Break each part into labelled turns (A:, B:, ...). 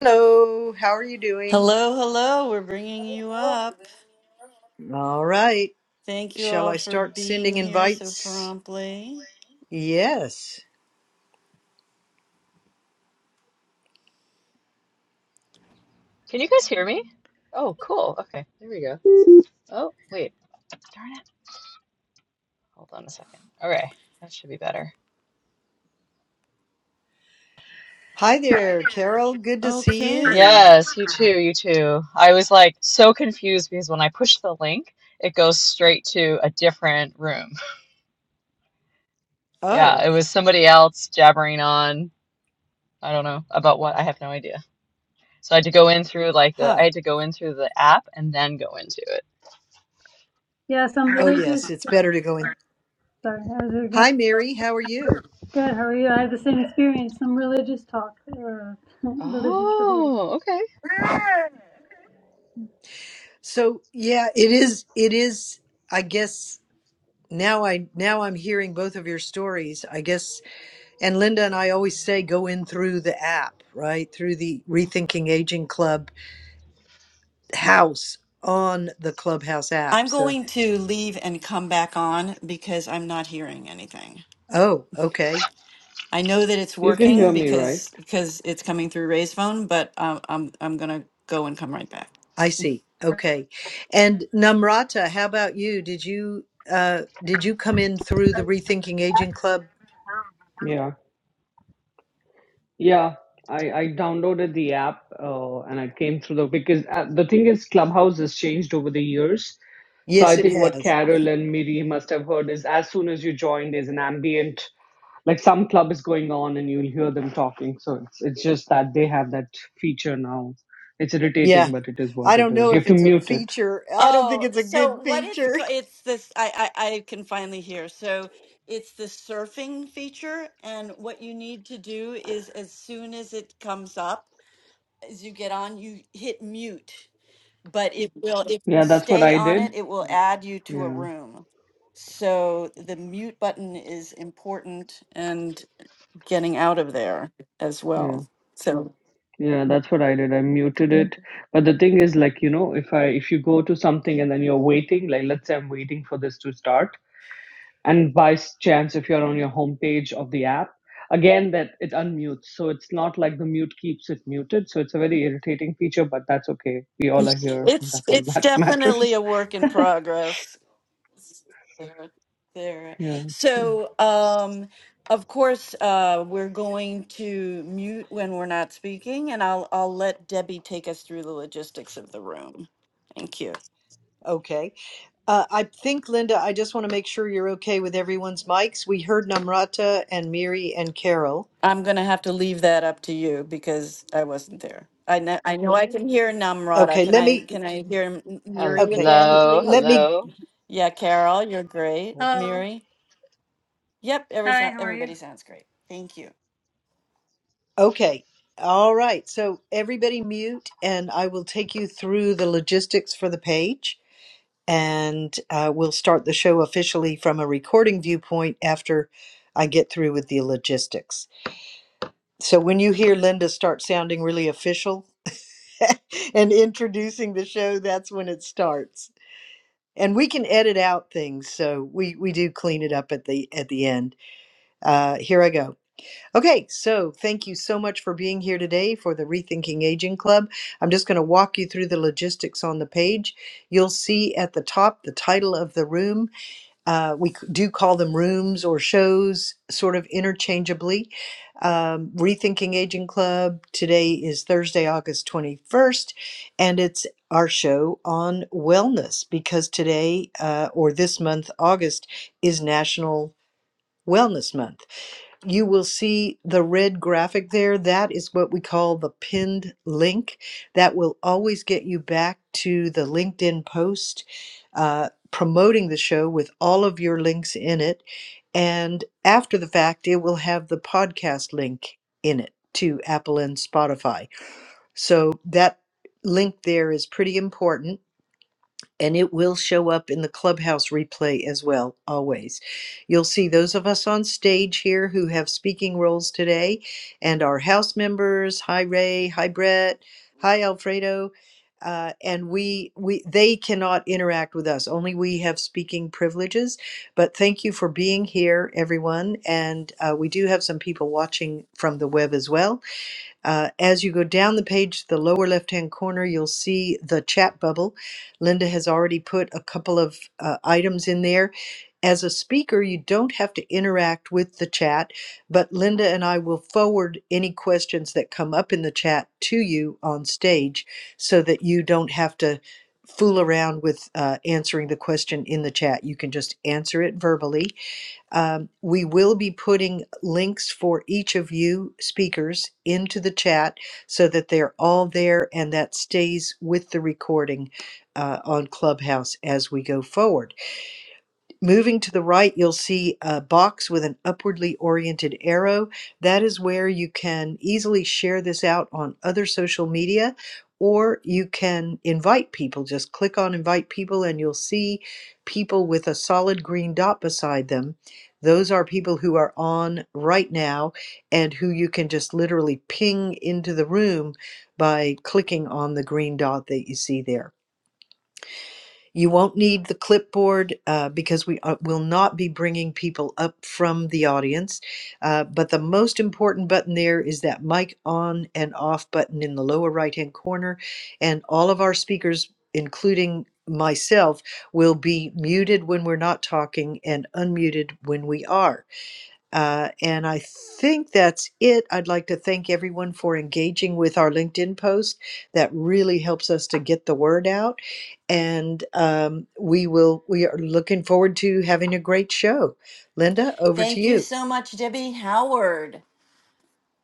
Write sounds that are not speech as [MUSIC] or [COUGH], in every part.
A: Hello, how are you doing?
B: Hello, hello. We're bringing you up.
A: All right.
B: Thank you
A: Shall
B: all
A: I
B: for
A: start
B: being
A: sending
B: here so
A: invites?
B: promptly.
A: Yes.
C: Can you guys hear me? Oh, cool. Okay, there we go. Oh, wait. Darn it. Hold on a second. Okay, that should be better.
A: Hi there, Carol. Good to see you.
B: Okay.
C: Yes, you too, you too. I was like so confused because when I push the link, it goes straight to a different room. [LAUGHS] Yeah,
A: Oh,
C: it was somebody else jabbering on, I don't know, about what, I have no idea. So I had to go in through like the,
A: huh.
C: I had to go in through the app and then go into it.
D: Yeah, some
A: Oh, yes,
D: religious.
A: it's better to go in.
D: Sorry, I was going.
A: Hi, Mary. How are you?
D: Good. How are you? I have the same experience. Some religious talk or [LAUGHS] religious related
C: Oh,
D: talk.
C: okay.
A: So, yeah, it is, it is, I guess. Now I now I'm hearing both of your stories. I guess and Linda and I always say go in through the app, right? Through the Rethinking Aging Club house on the Clubhouse app.
B: I'm
A: So
B: going to leave and come back on because I'm not hearing anything.
A: Oh, okay.
B: I know that it's
E: You can hear
B: working
E: me, right?
B: because because it's coming through Ray's phone, but um, I'm I'm gonna go and come right back.
A: I see. Okay. And Namrata, how about you? Did you uh did you come in through the Rethinking Aging Club?
E: Yeah. Yeah. I, I downloaded the app uh, and I came through the because uh, the thing is Clubhouse has changed over the years. So
A: Yes,
E: I
A: it
E: think what
A: has.
E: Carol and Miri must have heard is as soon as you join, there's an ambient like some club is going on and you'll hear them talking. So it's it's just that they have that feature now. It's
A: Yeah.
E: irritating, but it is
A: I
E: what it
A: don't
E: is.
A: know
E: You
A: if
E: have to
A: it's a
E: mute it.
A: feature. I don't think
B: Oh,
A: it's a good
B: so what it's
A: feature.
B: co-
A: [LAUGHS]
B: it's this I, I I can finally hear. So it's the surfing feature, and what you need to do is as soon as it comes up. as you get on, you hit mute, but it will, [LAUGHS] if you
E: Yeah, that's what
B: stay
E: I
B: on
E: did.
B: it, it will add you to a
E: Yeah.
B: room. So the mute button is important and getting out of there as
E: Yeah.
B: well. So
E: Yeah, that's what I did. I muted it. But the thing is, like, you know, if I if you go to something and then you're waiting, like let's say I'm waiting for this to start, and by s- chance if you're on your homepage of the app, again that it unmutes. So it's not like the mute keeps it muted. So it's a very irritating feature, but that's okay. We all are here. and
B: it's,
E: That's all
B: it's
E: that [LAUGHS]
B: definitely
E: matters.
B: a work in
E: [LAUGHS]
B: progress there. There.
E: Yeah. yeah.
B: So, um, of course, uh, we're going to mute when we're not speaking and I'll, I'll let Debbie take us through the logistics of the room. Thank you.
A: Okay. Uh, I think, Linda, I just want to make sure you're okay with everyone's mics. We heard Namrata and Miri and Carol.
B: I'm gonna have to leave that up to you because I wasn't there. I know, I know I can hear Namrata.
A: Okay.
B: Can
A: Let
B: I,
A: me,
B: can I hear M- Miri
A: okay.
B: again,
C: Hello,
B: please?
A: Let me
C: hello.
B: Yeah, Carol, you're great.
C: Cool.
D: Hello.
B: Miri? Yep, every,
D: Hi,
B: sou-
D: how are you?
B: everybody sounds great. Thank you.
A: Okay. All right. So everybody mute, and I will take you through the logistics for the page. And uh, we'll start the show officially from a recording viewpoint after I get through with the logistics. So when you hear Linda start sounding really official [LAUGHS] and introducing the show, that's when it starts. And we can edit out things, so we, we do clean it up at the at the end. Uh, here I go. Okay, so thank you so much for being here today for the Rethinking Aging Club. I'm just going to walk you through the logistics on the page. You'll see at the top the title of the room. Uh, we c- do call them rooms or shows, sort of interchangeably. Um, Rethinking Aging Club today is Thursday, August 21st, and it's our show on wellness because today uh, or this month, August, is National Wellness Month you will see the red graphic there. That is what we call the pinned link. That will always get you back to the LinkedIn post uh, promoting the show with all of your links in it. And after the fact, it will have the podcast link in it to Apple and Spotify. So that link there is pretty important and it will show up in the clubhouse replay as well always you'll see those of us on stage here who have speaking roles today and our house members hi ray hi brett hi alfredo uh, and we we they cannot interact with us only we have speaking privileges but thank you for being here everyone and uh, we do have some people watching from the web as well uh, as you go down the page, the lower left hand corner, you'll see the chat bubble. Linda has already put a couple of uh, items in there. As a speaker, you don't have to interact with the chat, but Linda and I will forward any questions that come up in the chat to you on stage so that you don't have to fool around with uh, answering the question in the chat. You can just answer it verbally um, we will be putting links for each of you speakers into the chat so that they're all there and that stays with the recording uh, on Clubhouse as we go forward. Moving to the right, you'll see a box with an upwardly oriented arrow. That is where you can easily share this out on other social media, or you can invite people. Just click on invite people, and you'll see people with a solid green dot beside them. Those are people who are on right now and who you can just literally ping into the room by clicking on the green dot that you see there. You won't need the clipboard uh, because we are, will not be bringing people up from the audience. Uh, but the most important button there is that mic on and off button in the lower right hand corner. And all of our speakers, including myself, will be muted when we're not talking and unmuted when we are. Uh, and I think that's it. I'd like to thank everyone for engaging with our LinkedIn post. That really helps us to get the word out. And um, we will. We are looking forward to having a great show. Linda, over to
B: Thank you
A: you.
B: so much, Debbie Howard.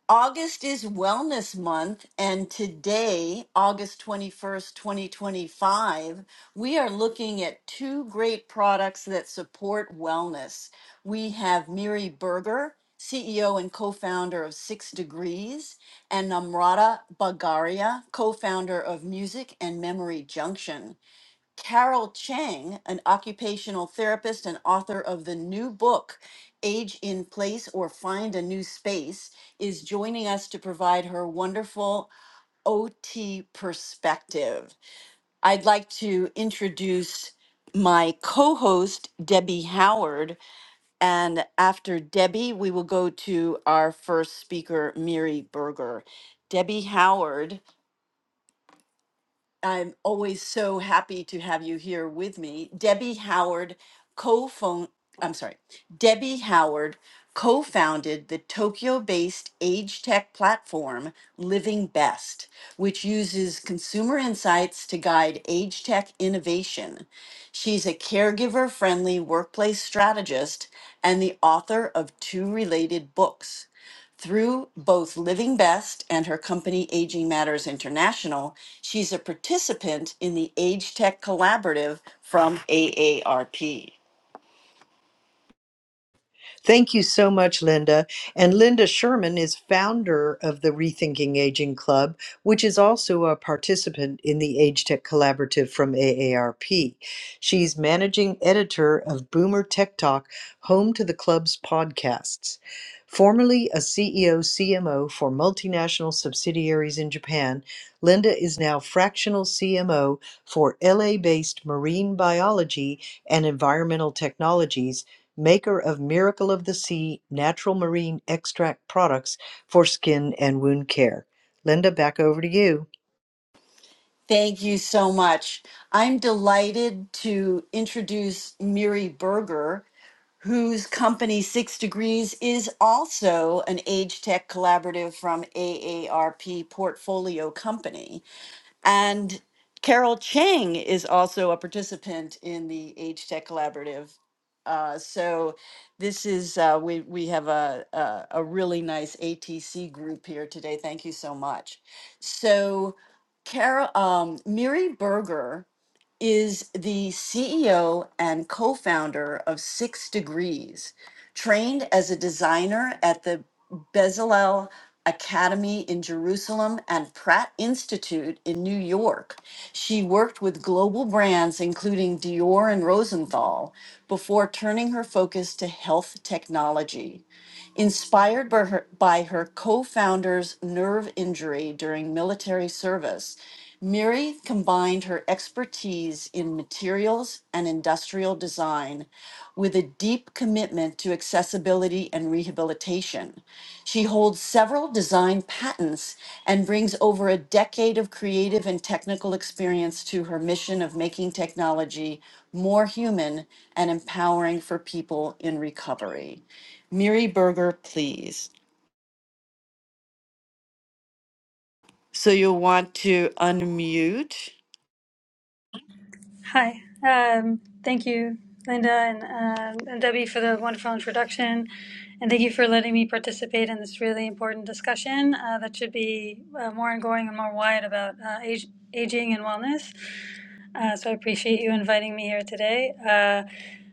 B: August is Wellness Month, and today, August 21st, 2025, we are looking at two great products that support wellness. We have Miri Berger, CEO and co founder of Six Degrees, and Namrata Bagaria, co founder of Music and Memory Junction. Carol Chang, an occupational therapist and author of the new book, Age in Place or Find a New Space, is joining us to provide her wonderful OT perspective. I'd like to introduce my co host, Debbie Howard. And after Debbie, we will go to our first speaker, Miri Berger. Debbie Howard I'm always so happy to have you here with me. Debbie Howard co-phone I'm sorry. Debbie Howard co-founded the Tokyo-based age tech platform Living Best, which uses consumer insights to guide age tech innovation. She's a caregiver-friendly workplace strategist and the author of two related books. Through both Living Best and her company Aging Matters International, she's a participant in the Age Tech Collaborative from AARP.
A: Thank you so much, Linda. And Linda Sherman is founder of the Rethinking Aging Club, which is also a participant in the Age Tech Collaborative from AARP. She's managing editor of Boomer Tech Talk, home to the club's podcasts. Formerly a CEO CMO for multinational subsidiaries in Japan, Linda is now fractional CMO for LA based marine biology and environmental technologies maker of Miracle of the Sea natural marine extract products for skin and wound care. Linda, back over to you.
B: Thank you so much. I'm delighted to introduce Miri Berger, whose company Six Degrees is also an Age Tech Collaborative from AARP portfolio company. And Carol Chang is also a participant in the Age Tech Collaborative. Uh, so this is uh, we we have a, a a really nice ATC group here today. Thank you so much. So, Carol um, Miri Berger is the CEO and co founder of Six Degrees, trained as a designer at the Bezalel Academy in Jerusalem and Pratt Institute in New York. She worked with global brands including Dior and Rosenthal before turning her focus to health technology. Inspired by her, by her co founder's nerve injury during military service, Miri combined her expertise in materials and industrial design with a deep commitment to accessibility and rehabilitation. She holds several design patents and brings over a decade of creative and technical experience to her mission of making technology more human and empowering for people in recovery. Miri Berger, please. So you'll want to unmute.
D: Hi. Um, thank you, Linda and, um, and Debbie, for the wonderful introduction. And thank you for letting me participate in this really important discussion uh, that should be uh, more ongoing and more wide about uh, age, aging and wellness. Uh, so I appreciate you inviting me here today. Uh,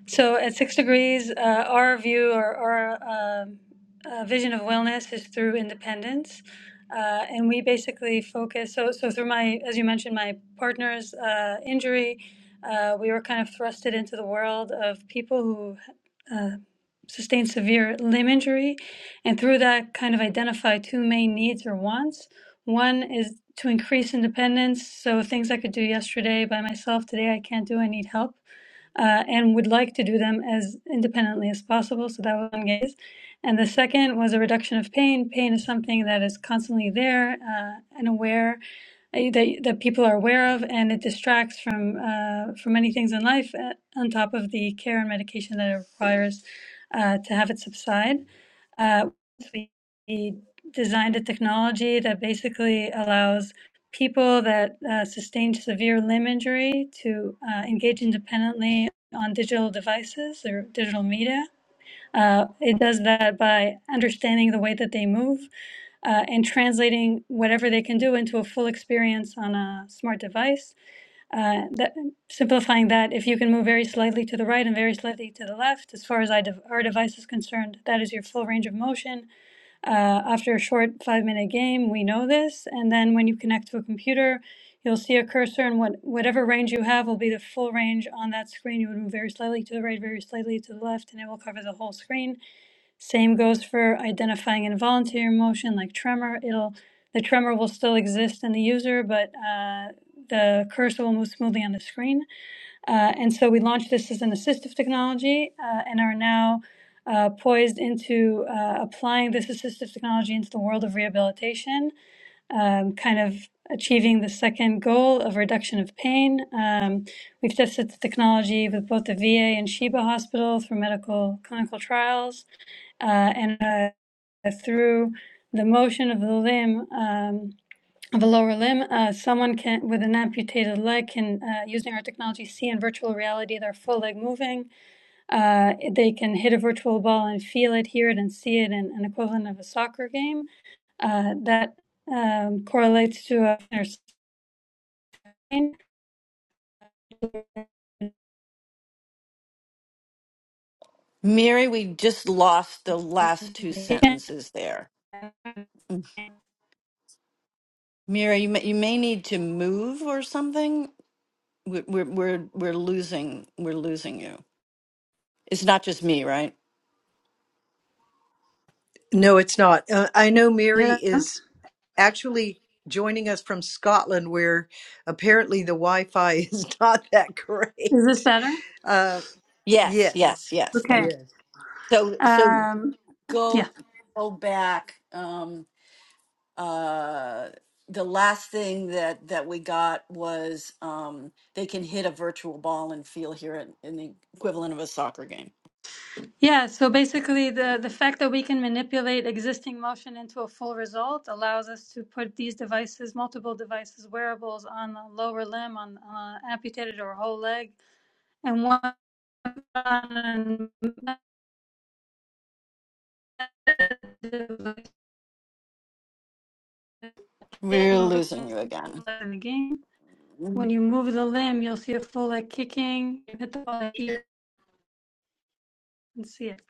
D: so at Six Degrees, uh, our view or our um uh, vision of wellness is through independence. Uh, and we basically focus, so, so through my, as you mentioned, my partner's uh, injury, uh, we were kind of thrusted into the world of people who uh, sustained severe limb injury, and through that, kind of identify two main needs or wants. One is to increase independence, so things I could do yesterday by myself, today I can't do, I need help uh, and would like to do them as independently as possible. So that was one gaze. And the second was a reduction of pain. Pain is something that is constantly there uh, and aware uh, that that people are aware of, and it distracts from uh, from many things in life. uh, On top of the care and medication that it requires uh, to have it subside, uh, we designed a technology that basically allows people that uh, sustained severe limb injury to uh, engage independently on digital devices or digital media uh, it does that by understanding the way that they move uh, and translating whatever they can do into a full experience on a smart device. Uh, that, simplifying that, if you can move very slightly to the right and very slightly to the left, as far as I dev- our device is concerned, that is your full range of motion. Uh, after a short five minute game, we know this. And then when you connect to a computer, you'll see a cursor, and what, whatever range you have will be the full range on that screen. You would move very slightly to the right, very slightly to the left, and it will cover the whole screen same goes for identifying involuntary emotion like tremor. It'll the tremor will still exist in the user, but uh, the cursor will move smoothly on the screen. Uh, and so we launched this as an assistive technology uh, and are now uh, poised into uh, applying this assistive technology into the world of rehabilitation, um, kind of achieving the second goal of reduction of pain. Um, we've tested the technology with both the VA and Sheba Hospital through medical clinical trials uh, and uh, through the motion of the limb, um, of a lower limb, uh, someone can with an amputated leg can, uh, using our technology, see in virtual reality their full leg moving. Uh, they can hit a virtual ball and feel it, hear it, and see it in an equivalent of a soccer game. Uh, that um, correlates to a inner spine.
B: Miri, we just lost the last two sentences there. Mira, you may, you may need to move or something. We're, we're we're we're losing we're losing you. It's not just me, right?
A: No, it's not. Uh, I know Mary is actually joining us from Scotland, where apparently the Wi Fi is [LAUGHS] not that great.
D: Is this better?
A: Uh,
B: Yes,
A: yes.
B: yes, yes.
D: Okay.
B: Thank you.
A: Yes.
B: So so
D: Um, yeah.
B: go go back. Um. uh the last thing that that we got was um they can hit a virtual ball and feel here in, in the equivalent of a soccer game
D: Yeah, so basically the, the fact that we can manipulate existing motion into a full result allows us to put these devices, multiple devices, wearables on a lower limb, on an amputated or whole leg, and one on a device
B: we're
D: in
B: losing you again
D: the game. When
B: Mary.
D: you move the limb, you'll see a full leg kicking, you hit the ball here and see it.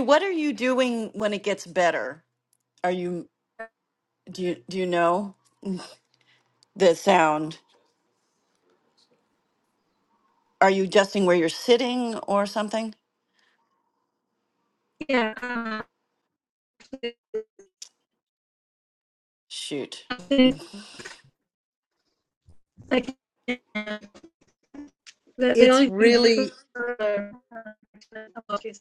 B: what are you doing when it gets better are you do you do you know the sound are you adjusting where you're sitting or something
D: Yeah, um,
B: shoot
D: I think, like the, the
A: It's
D: only thing you can do
A: really
D: is-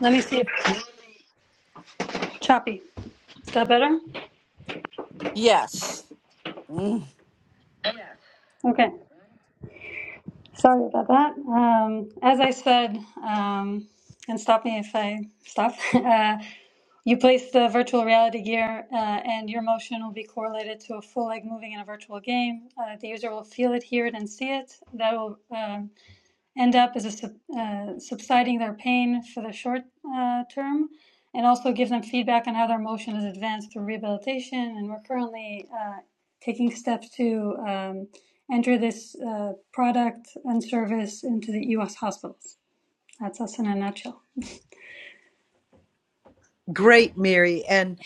D: let me see. if Choppy. Is that better?
B: yes Mm.
D: Okay. Sorry about that. Um, as I said, um, and stop me if I stop, [LAUGHS] uh, you place the virtual reality gear uh, and your motion will be correlated to a full leg moving in a virtual game. Uh, the user will feel it, hear it, and see it. That will um end up as a sub, uh, subsiding their pain for the short uh, term, and also give them feedback on how their motion is advanced through rehabilitation. And we're currently uh, taking steps to um, enter this uh, product and service into the U.S. hospitals. That's us in a nutshell.
A: great, Mary. And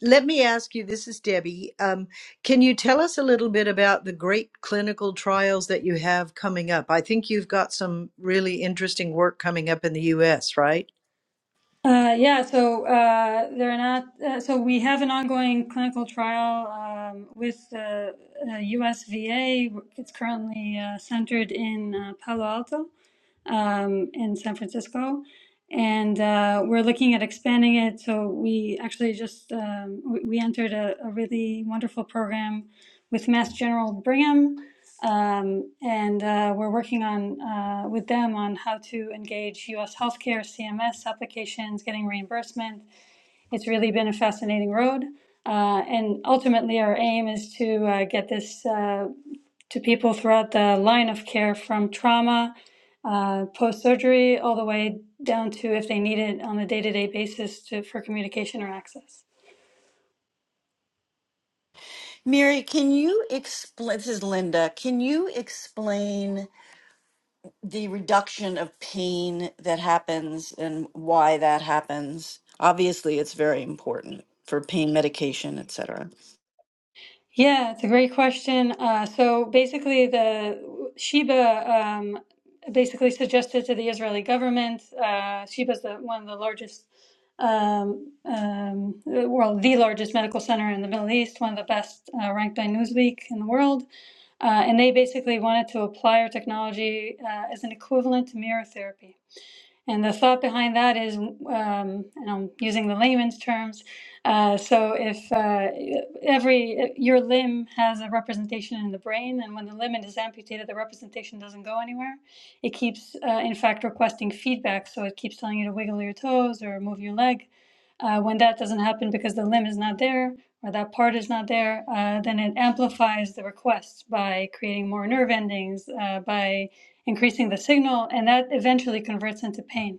A: Let me ask you, this is Debbie. Um, can you tell us a little bit about the great clinical trials that you have coming up? I think you've got some really interesting work coming up in the US, right?
D: Uh, yeah, so uh, they're not. Uh, so we have an ongoing clinical trial um, with the uh, U.S. VA. It's currently uh, centered in uh, Palo Alto, um, in San Francisco, and uh, we're looking at expanding it. So we actually just um, we, we entered a, a really wonderful program with Mass General Brigham, um, and uh, we're working on uh, with them on how to engage U.S. healthcare CMS applications, getting reimbursement. It's really been a fascinating road. Uh, and ultimately, our aim is to uh, get this uh, to people throughout the line of care from trauma, uh, post surgery, all the way down to if they need it on a day to day basis to, for communication or access.
B: miri can you explain this is linda can you explain the reduction of pain that happens and why that happens. Obviously, it's very important for pain medication, et cetera.
D: Yeah, it's a great question. Uh, so basically, the Sheba um, basically suggested to the Israeli government. Uh, Sheba is the, one of the largest, um, um, well, the largest medical center in the Middle East, one of the best uh, ranked by Newsweek in the world. Uh, and they basically wanted to apply our technology uh, as an equivalent to mirror therapy. And the thought behind that is, um, and I'm using the layman's terms. Uh, so if uh, every your limb has a representation in the brain, and when the limb is amputated, the representation doesn't go anywhere. It keeps, uh, in fact, requesting feedback. So it keeps telling you to wiggle your toes or move your leg. Uh, when that doesn't happen because the limb is not there or that part is not there, uh, then it amplifies the request by creating more nerve endings, uh, by increasing the signal, and that eventually converts into pain.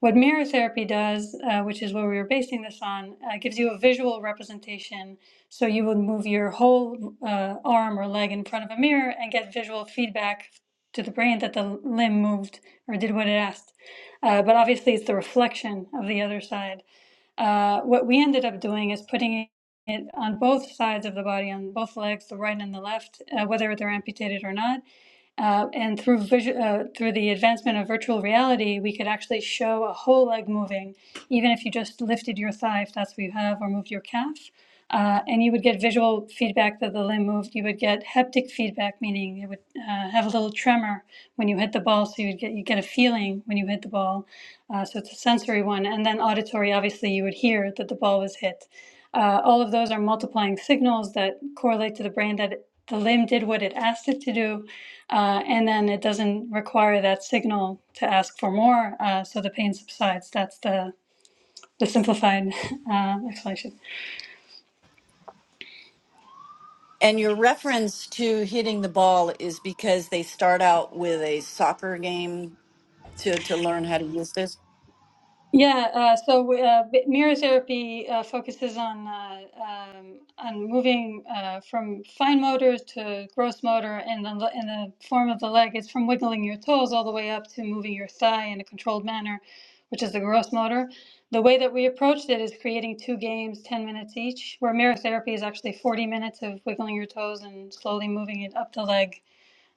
D: What mirror therapy does, uh, which is what we were basing this on, uh, gives you a visual representation. So you would move your whole uh, arm or leg in front of a mirror and get visual feedback to the brain that the limb moved or did what it asked. Uh, but obviously, it's the reflection of the other side. Uh, what we ended up doing is putting it on both sides of the body, on both legs, the right and the left, uh, whether they're amputated or not uh, and through visu- uh, through the advancement of virtual reality, we could actually show a whole leg moving, even if you just lifted your thigh, if that's what you have, or moved your calf. Uh, and you would get visual feedback that the limb moved. You would get haptic feedback, meaning it would uh, have a little tremor when you hit the ball, so you'd get you get a feeling when you hit the ball. Uh, so it's a sensory one, and then auditory. Obviously, you would hear that the ball was hit. Uh, all of those are multiplying signals that correlate to the brain that the limb did what it asked it to do, uh, and then it doesn't require that signal to ask for more, uh, so the pain subsides. That's the, the simplified [LAUGHS] uh, explanation.
B: And your reference to hitting the ball is because they start out with a soccer game to to learn how to use this.
D: Yeah, uh, so uh, b- mirror therapy uh, focuses on uh, um, on moving uh, from fine motor to gross motor, and then the- in the form of the leg, it's from wiggling your toes all the way up to moving your thigh in a controlled manner, which is the gross motor. The way that we approached it is creating two games, 10 minutes each, where mirror therapy is actually 40 minutes of wiggling your toes and slowly moving it up the leg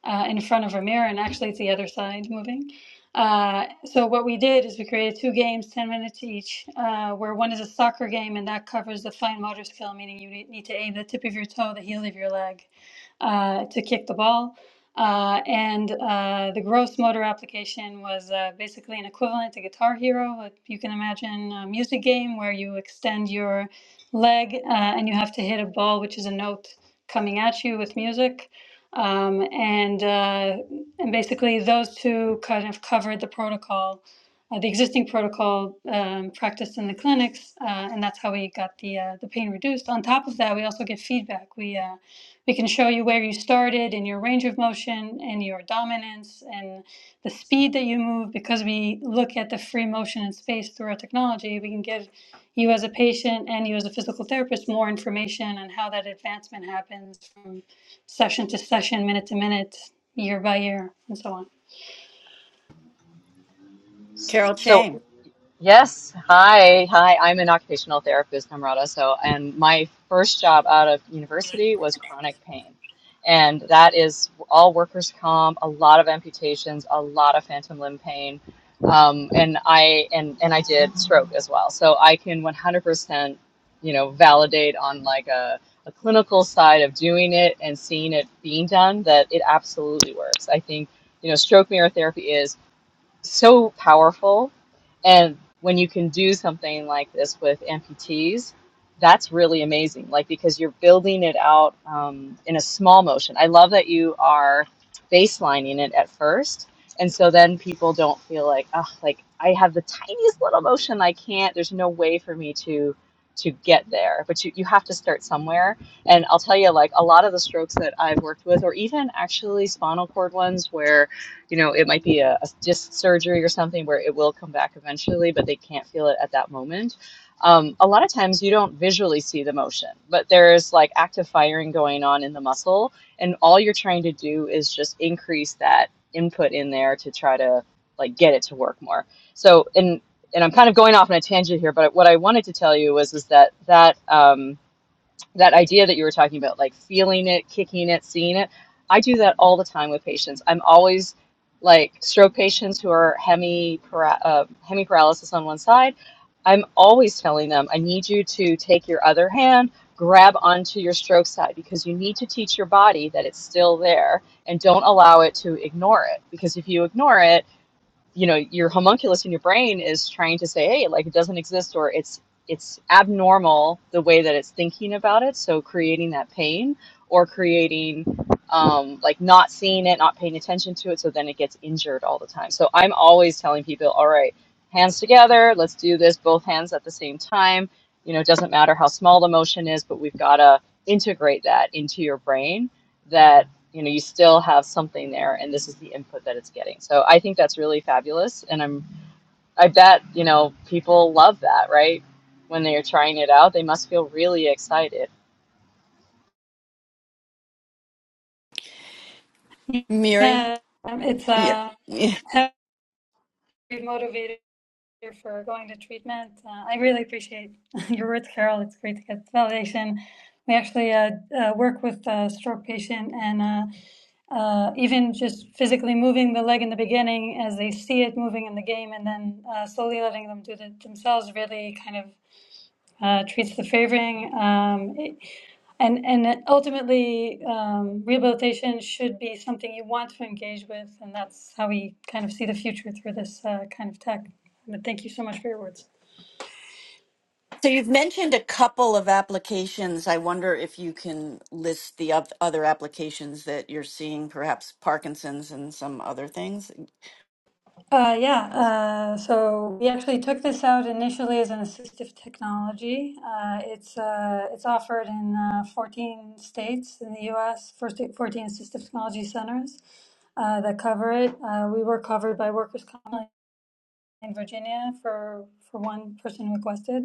D: uh, in front of a mirror, and actually it's the other side moving. Uh, so what we did is we created two games, 10 minutes each, uh, where one is a soccer game, and that covers the fine motor skill, meaning you need to aim the tip of your toe, the heel of your leg, uh, to kick the ball. Uh, and uh, the gross motor application was uh, basically an equivalent to Guitar Hero. Like you can imagine a music game where you extend your leg uh, and you have to hit a ball, which is a note coming at you with music. Um, and, uh, and basically, those two kind of covered the protocol, uh, the existing protocol um, practiced in the clinics, uh, and that's how we got the uh, the pain reduced. On top of that, we also give feedback. We uh, we can show you where you started in your range of motion and your dominance and the speed that you move because we look at the free motion and space through our technology. We can give you as a patient and you as a physical therapist more information on how that advancement happens from session to session, minute to minute, year by year, and so
B: Carol
C: So
B: Chang,
C: Yes. Hi. Hi. I'm an occupational therapist, Namrata. So, and my first job out of university was chronic pain. And that is all workers' comp, a lot of amputations, a lot of phantom limb pain. Um, and I, and, and I did stroke as well. So I can 100%, you know, validate on like a, a clinical side of doing it and seeing it being done that it absolutely works. I think, you know, stroke mirror therapy is so powerful. And when you can do something like this with amputees, that's really amazing. Like because you're building it out um, in a small motion. I love that you are baselining it at first, and so then people don't feel like, oh, like I have the tiniest little motion. I can't. There's no way for me to to get there. But you you have to start somewhere. And I'll tell you, like a lot of the strokes that I've worked with, or even actually spinal cord ones, where you know, it might be a, a disc surgery or something where it will come back eventually, but they can't feel it at that moment. Um, a lot of times you don't visually see the motion, but there's like active firing going on in the muscle, and all you're trying to do is just increase that input in there to try to like get it to work more. So, and and I'm kind of going off on a tangent here, but what I wanted to tell you was is that that um, that idea that you were talking about, like feeling it, kicking it, seeing it. I do that all the time with patients. I'm always like stroke patients who are hemi uh, hemiparalysis on one side. I'm always telling them, I need you to take your other hand, grab onto your stroke side because you need to teach your body that it's still there and don't allow it to ignore it. Because if you ignore it, you know your homunculus in your brain is trying to say hey like it doesn't exist or it's it's abnormal the way that it's thinking about it so creating that pain or creating um, like not seeing it not paying attention to it so then it gets injured all the time so i'm always telling people all right hands together let's do this both hands at the same time you know it doesn't matter how small the motion is but we've got to integrate that into your brain that you know you still have something there and this is the input that it's getting so i think that's really fabulous and i'm i bet you know people love that right when they're trying it out they must feel really excited
D: on.
B: Miri,
D: Yeah, um, it's
B: yeah.
D: a
B: Yeah.
D: heavy motivator for going to treatment. Uh, I really appreciate [LAUGHS] your words, Carol. It's great to get validation. We actually uh, uh, work with a stroke patient and uh, uh, even just physically moving the leg in the beginning as they see it moving in the game and then uh, slowly letting them do it themselves really kind of uh, treats the favoring. Um, it- and, and ultimately, um, rehabilitation should be something you want to engage with, and that's how we kind of see the future through this uh, kind of tech. But thank you so much for your words.
B: So you've mentioned a couple of applications. I wonder if you can list the oth- other applications that you're seeing, perhaps Parkinson's and some other things.
D: Uh, yeah, uh, so we actually took this out initially as an assistive technology. Uh, it's uh, it's offered in uh, 14 states in the U.S. First, 14 assistive technology centers uh, that cover it. Uh, we were covered by workers' comp. in Virginia for for one person requested,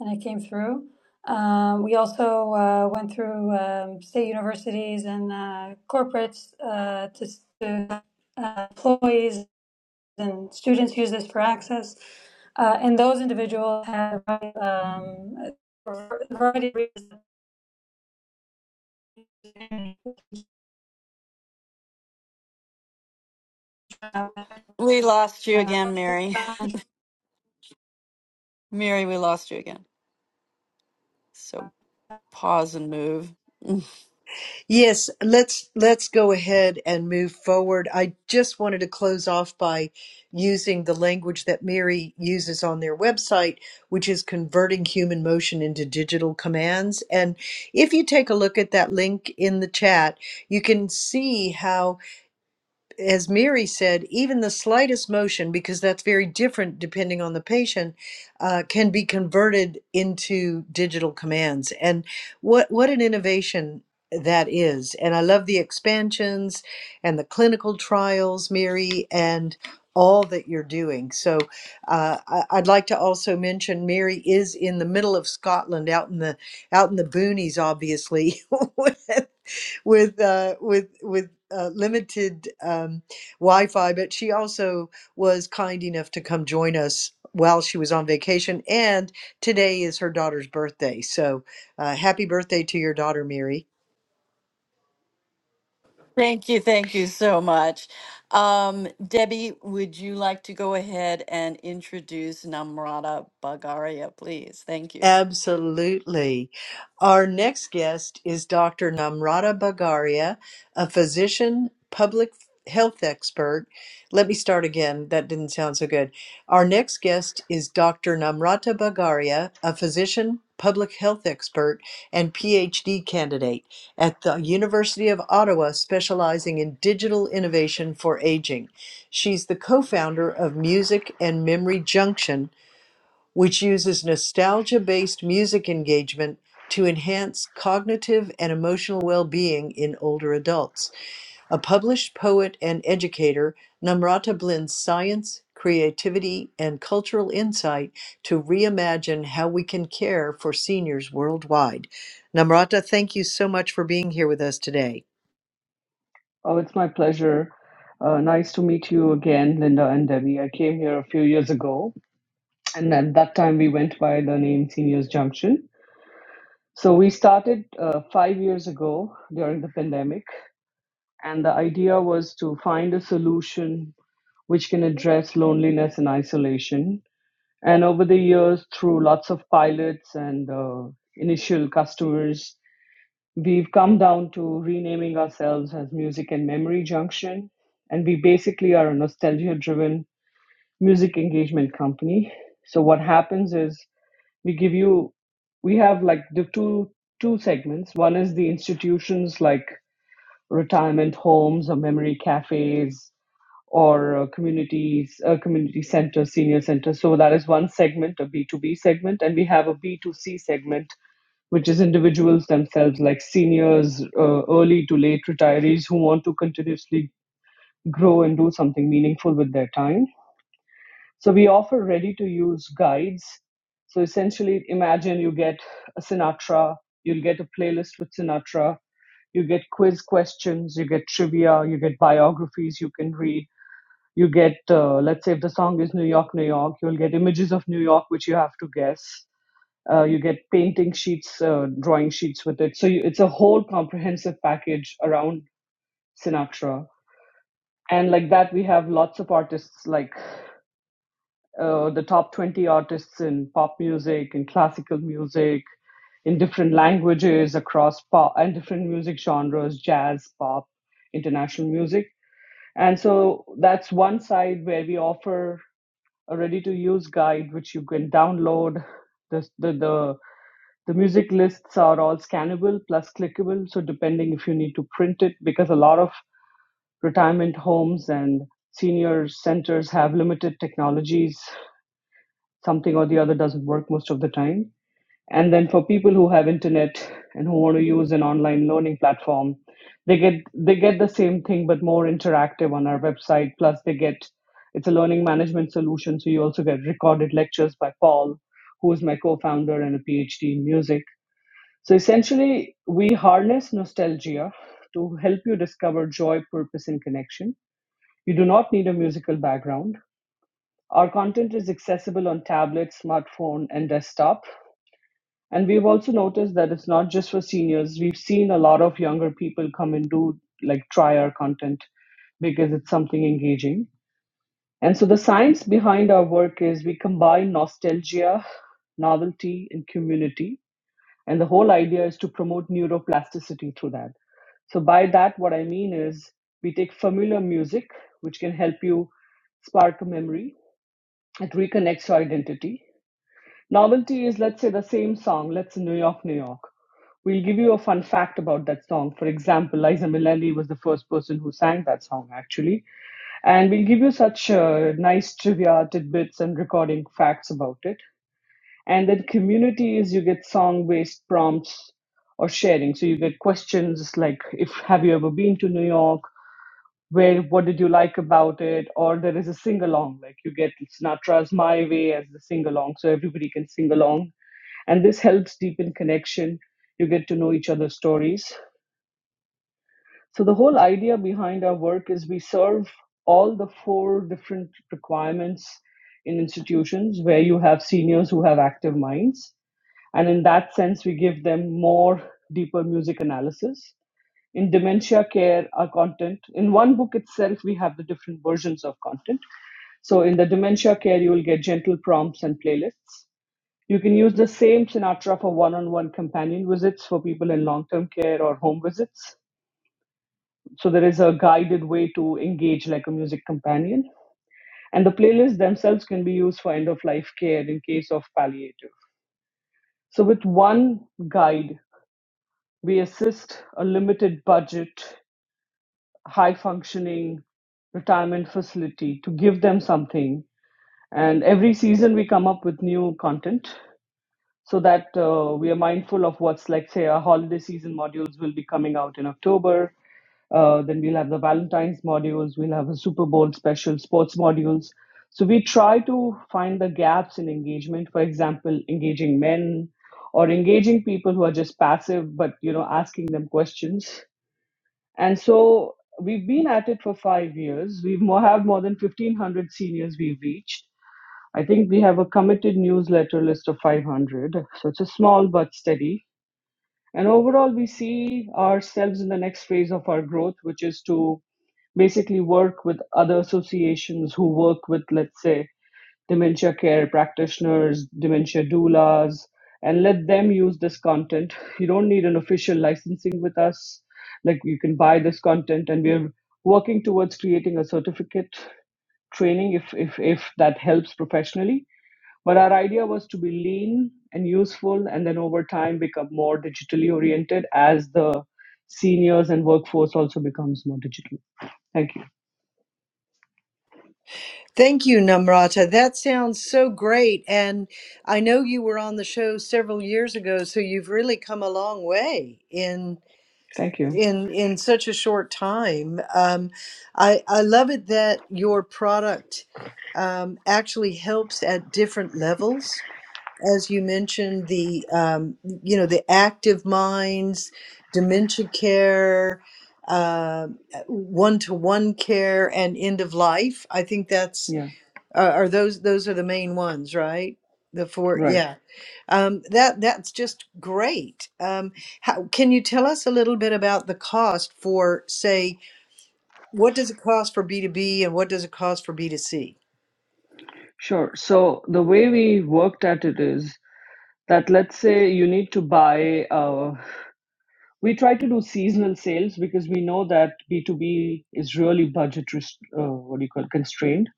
D: and it came through. Um, we also uh, went through um, state universities and uh, corporates uh, to, to uh, employees and students use this for access. Uh, and those individuals had um, for a variety of reasons.
B: We lost you again, Mary.
D: uh,
B: Mary, we lost you again. So pause and move. [LAUGHS]
A: Yes, let's let's go ahead and move forward. I just wanted to close off by using the language that Mary uses on their website, which is converting human motion into digital commands. And if you take a look at that link in the chat, you can see how as Mary said, even the slightest motion, because that's very different depending on the patient, uh, can be converted into digital commands. And what what an innovation that is! And I love the expansions and the clinical trials, Mary, and all that you're doing. So uh, I, I'd like to also mention Mary is in the middle of Scotland, out in the out in the boonies, obviously, [LAUGHS] [LAUGHS] with uh, with with uh, limited um, Wi-Fi, but she also was kind enough to come join us while she was on vacation. And today is her daughter's birthday, so uh, happy birthday to your daughter, Mary.
B: Thank you. Thank you so much. Um, Debbie, would you like to go ahead and introduce Namrata Bagaria, please? Thank you.
A: Absolutely. Our next guest is Dr. Namrata Bagaria, a physician, public health expert. Let me start again. That didn't sound so good. Our next guest is Dr. Namrata Bagaria, a physician, public health expert, and PhD candidate at the University of Ottawa, specializing in digital innovation for aging. She's the co founder of Music and Memory Junction, which uses nostalgia based music engagement to enhance cognitive and emotional well being in older adults. A published poet and educator, Namrata blends science, creativity, and cultural insight to reimagine how we can care for seniors worldwide. Namrata, thank you so much for being here with us today.
E: Oh, it's my pleasure. Uh, nice to meet you again, Linda and Debbie. I came here a few years ago, and at that time we went by the name Seniors Junction. So we started uh, five years ago during the pandemic, and the idea was to find a solution which can address loneliness and isolation. And over the years, through lots of pilots and uh, initial customers, we've come down to renaming ourselves as Music and Memory Junction. And we basically are a nostalgia driven music engagement company. So, what happens is we give you we have like the two two segments one is the institutions like retirement homes or memory cafes or uh, communities uh, community centers senior centers so that is one segment a b2b segment and we have a b2c segment which is individuals themselves like seniors uh, early to late retirees who want to continuously grow and do something meaningful with their time so we offer ready to use guides. So essentially, imagine you get a Sinatra, you'll get a playlist with Sinatra, you get quiz questions, you get trivia, you get biographies you can read, you get, uh, let's say, if the song is New York, New York, you'll get images of New York, which you have to guess. Uh, you get painting sheets, uh, drawing sheets with it. So you, it's a whole comprehensive package around Sinatra. And like that, we have lots of artists like uh, the top 20 artists in pop music, in classical music, in different languages across pop and different music genres, jazz, pop, international music. And so that's one side where we offer a ready to use guide, which you can download. The, the, the, the music lists are all scannable plus clickable. So depending if you need to print it, because a lot of retirement homes and senior centers have limited technologies something or the other doesn't work most of the time. And then for people who have internet and who want to use an online learning platform, they get they get the same thing but more interactive on our website. Plus, they get it's a learning management solution, so you also get recorded lectures by Paul, who is my co-founder and a PhD in music. So essentially, we harness nostalgia to help you discover joy, purpose, and connection. You do not need a musical background our content is accessible on tablet, smartphone, and desktop. And we've also noticed that it's not just for seniors. We've seen a lot of younger people come and do, like, try our content because it's something engaging. And so the science behind our work is we combine nostalgia, novelty, and community. And the whole idea is to promote neuroplasticity through that. So, by that, what I mean is we take familiar music, which can help you spark a memory, it reconnects your identity. Novelty is, let's say, the same song, let's say New York, New York. We'll give you a fun fact about that song. For example, Liza Minnelli was the first person who sang that song, actually. And we'll give you such uh, nice trivia tidbits and recording facts about it. And then community is you get song based prompts or sharing. So you get questions like, if have you ever been to New York? where what did you like about it or there is a sing along like you get sinatra's my way as the sing along so everybody can sing along and this helps deepen connection you get to know each other's stories so the whole idea behind our work is we serve all the four different requirements in institutions where you have seniors who have active minds and in that sense we give them more deeper music analysis in dementia care our content in one book itself we have the different versions of content so in the dementia care you will get gentle prompts and playlists you can use the same sinatra for one-on-one companion visits for people in long-term care or home visits so there is a guided way to engage like a music companion and the playlists themselves can be used for end-of-life care in case of palliative so with one guide we assist a limited budget high functioning retirement facility to give them something. And every season we come up with new content so that uh, we are mindful of what's like, say, our holiday season modules will be coming out in October. Uh, then we'll have the Valentine's modules, we'll have a Super Bowl special, sports modules. So we try to find the gaps in engagement. For example, engaging men or engaging people who are just passive, but you know, asking them questions and so we've been at it for five years. We more, have more than 1,500 seniors we've reached. I think we have a committed newsletter list of 500. So it's a small but steady. And overall, we see ourselves in the next phase of our growth, which is to basically work with other associations who work with, let's say, dementia care practitioners, dementia doulas, and let them use this content. You don't need an official licensing with us. Like you can buy this content, and we're working towards creating a certificate training if if if that helps professionally. But our idea was to be lean and useful, and then over time become more digitally oriented as the seniors and workforce also becomes more digital. Thank you.
A: Thank you, Namrata. That sounds so great. And I know you were on the show several years ago, so you've really come a long way in
E: Thank you.
A: in in such a short time. Um, I I love it that your product um, actually helps at different levels, as you mentioned the um, you know the active minds, dementia care. Uh, one-to-one care and end of life. I think that's
E: Yeah.
A: uh, are those those are the main ones, right? The four,
E: Right.
A: yeah. Um, that that's just great. Um, how, can you tell us a little bit about the cost for, say, what does it cost for B two B and what does it cost for B two C?
E: Sure. So the way we worked at it is that let's say you need to buy, uh, we try to do seasonal sales because we know that B2B is really budget, rest- uh, what do you call, constrained.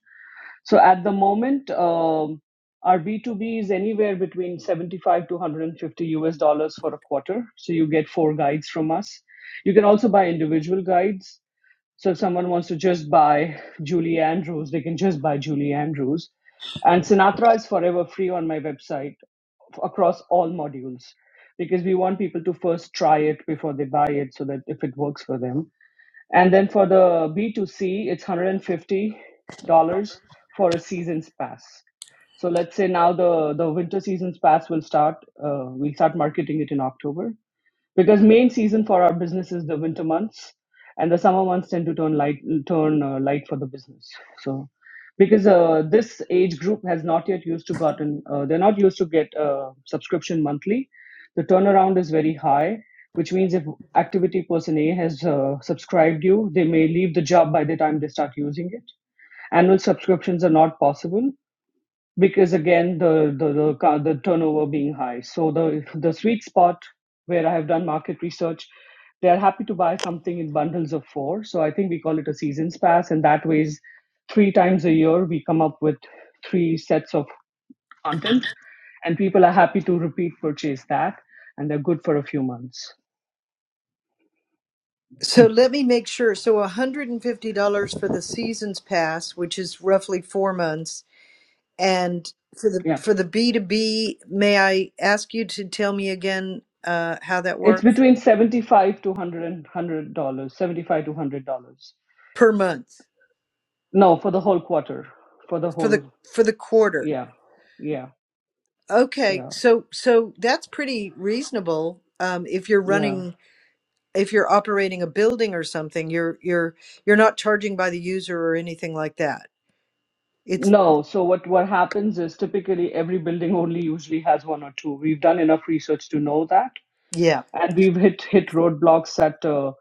E: So at the moment, um, our B2B is anywhere between 75 to 150 US dollars for a quarter. So you get four guides from us. You can also buy individual guides. So if someone wants to just buy Julie Andrews, they can just buy Julie Andrews. And Sinatra is forever free on my website across all modules because we want people to first try it before they buy it so that if it works for them. And then for the B2C, it's $150 for a season's pass. So let's say now the, the winter season's pass will start. Uh, we'll start marketing it in October because main season for our business is the winter months and the summer months tend to turn light turn uh, light for the business so because uh, this age group has not yet used to gotten uh, they're not used to get a subscription monthly the turnaround is very high which means if activity person a has uh, subscribed you they may leave the job by the time they start using it annual subscriptions are not possible because again the the the, ca- the turnover being high so the the sweet spot where i have done market research they are happy to buy something in bundles of four so i think we call it a seasons pass and that ways three times a year we come up with three sets of content and people are happy to repeat purchase that and they're good for a few months
A: So let me make sure. So $150 for the season's pass, which is roughly four months, and for the
E: yeah
A: for the B2B, may I ask you to tell me again uh, how that
E: it's
A: works
E: between 75 to 100 dollars 75 to 100 dollars
A: per month
E: no for the whole quarter for the
A: for
E: whole
A: the for the quarter?
E: yeah yeah
A: Okay,
E: Yeah,
A: so so that's pretty reasonable. Um, if you're
E: yeah.
A: running, if you're operating a building or something, you're you're you're not charging by the user or anything like that. It's
E: No, so what what happens is typically every building only usually has one or two. We've done enough research to know that,
A: yeah.
E: and we've hit hit roadblocks at uh,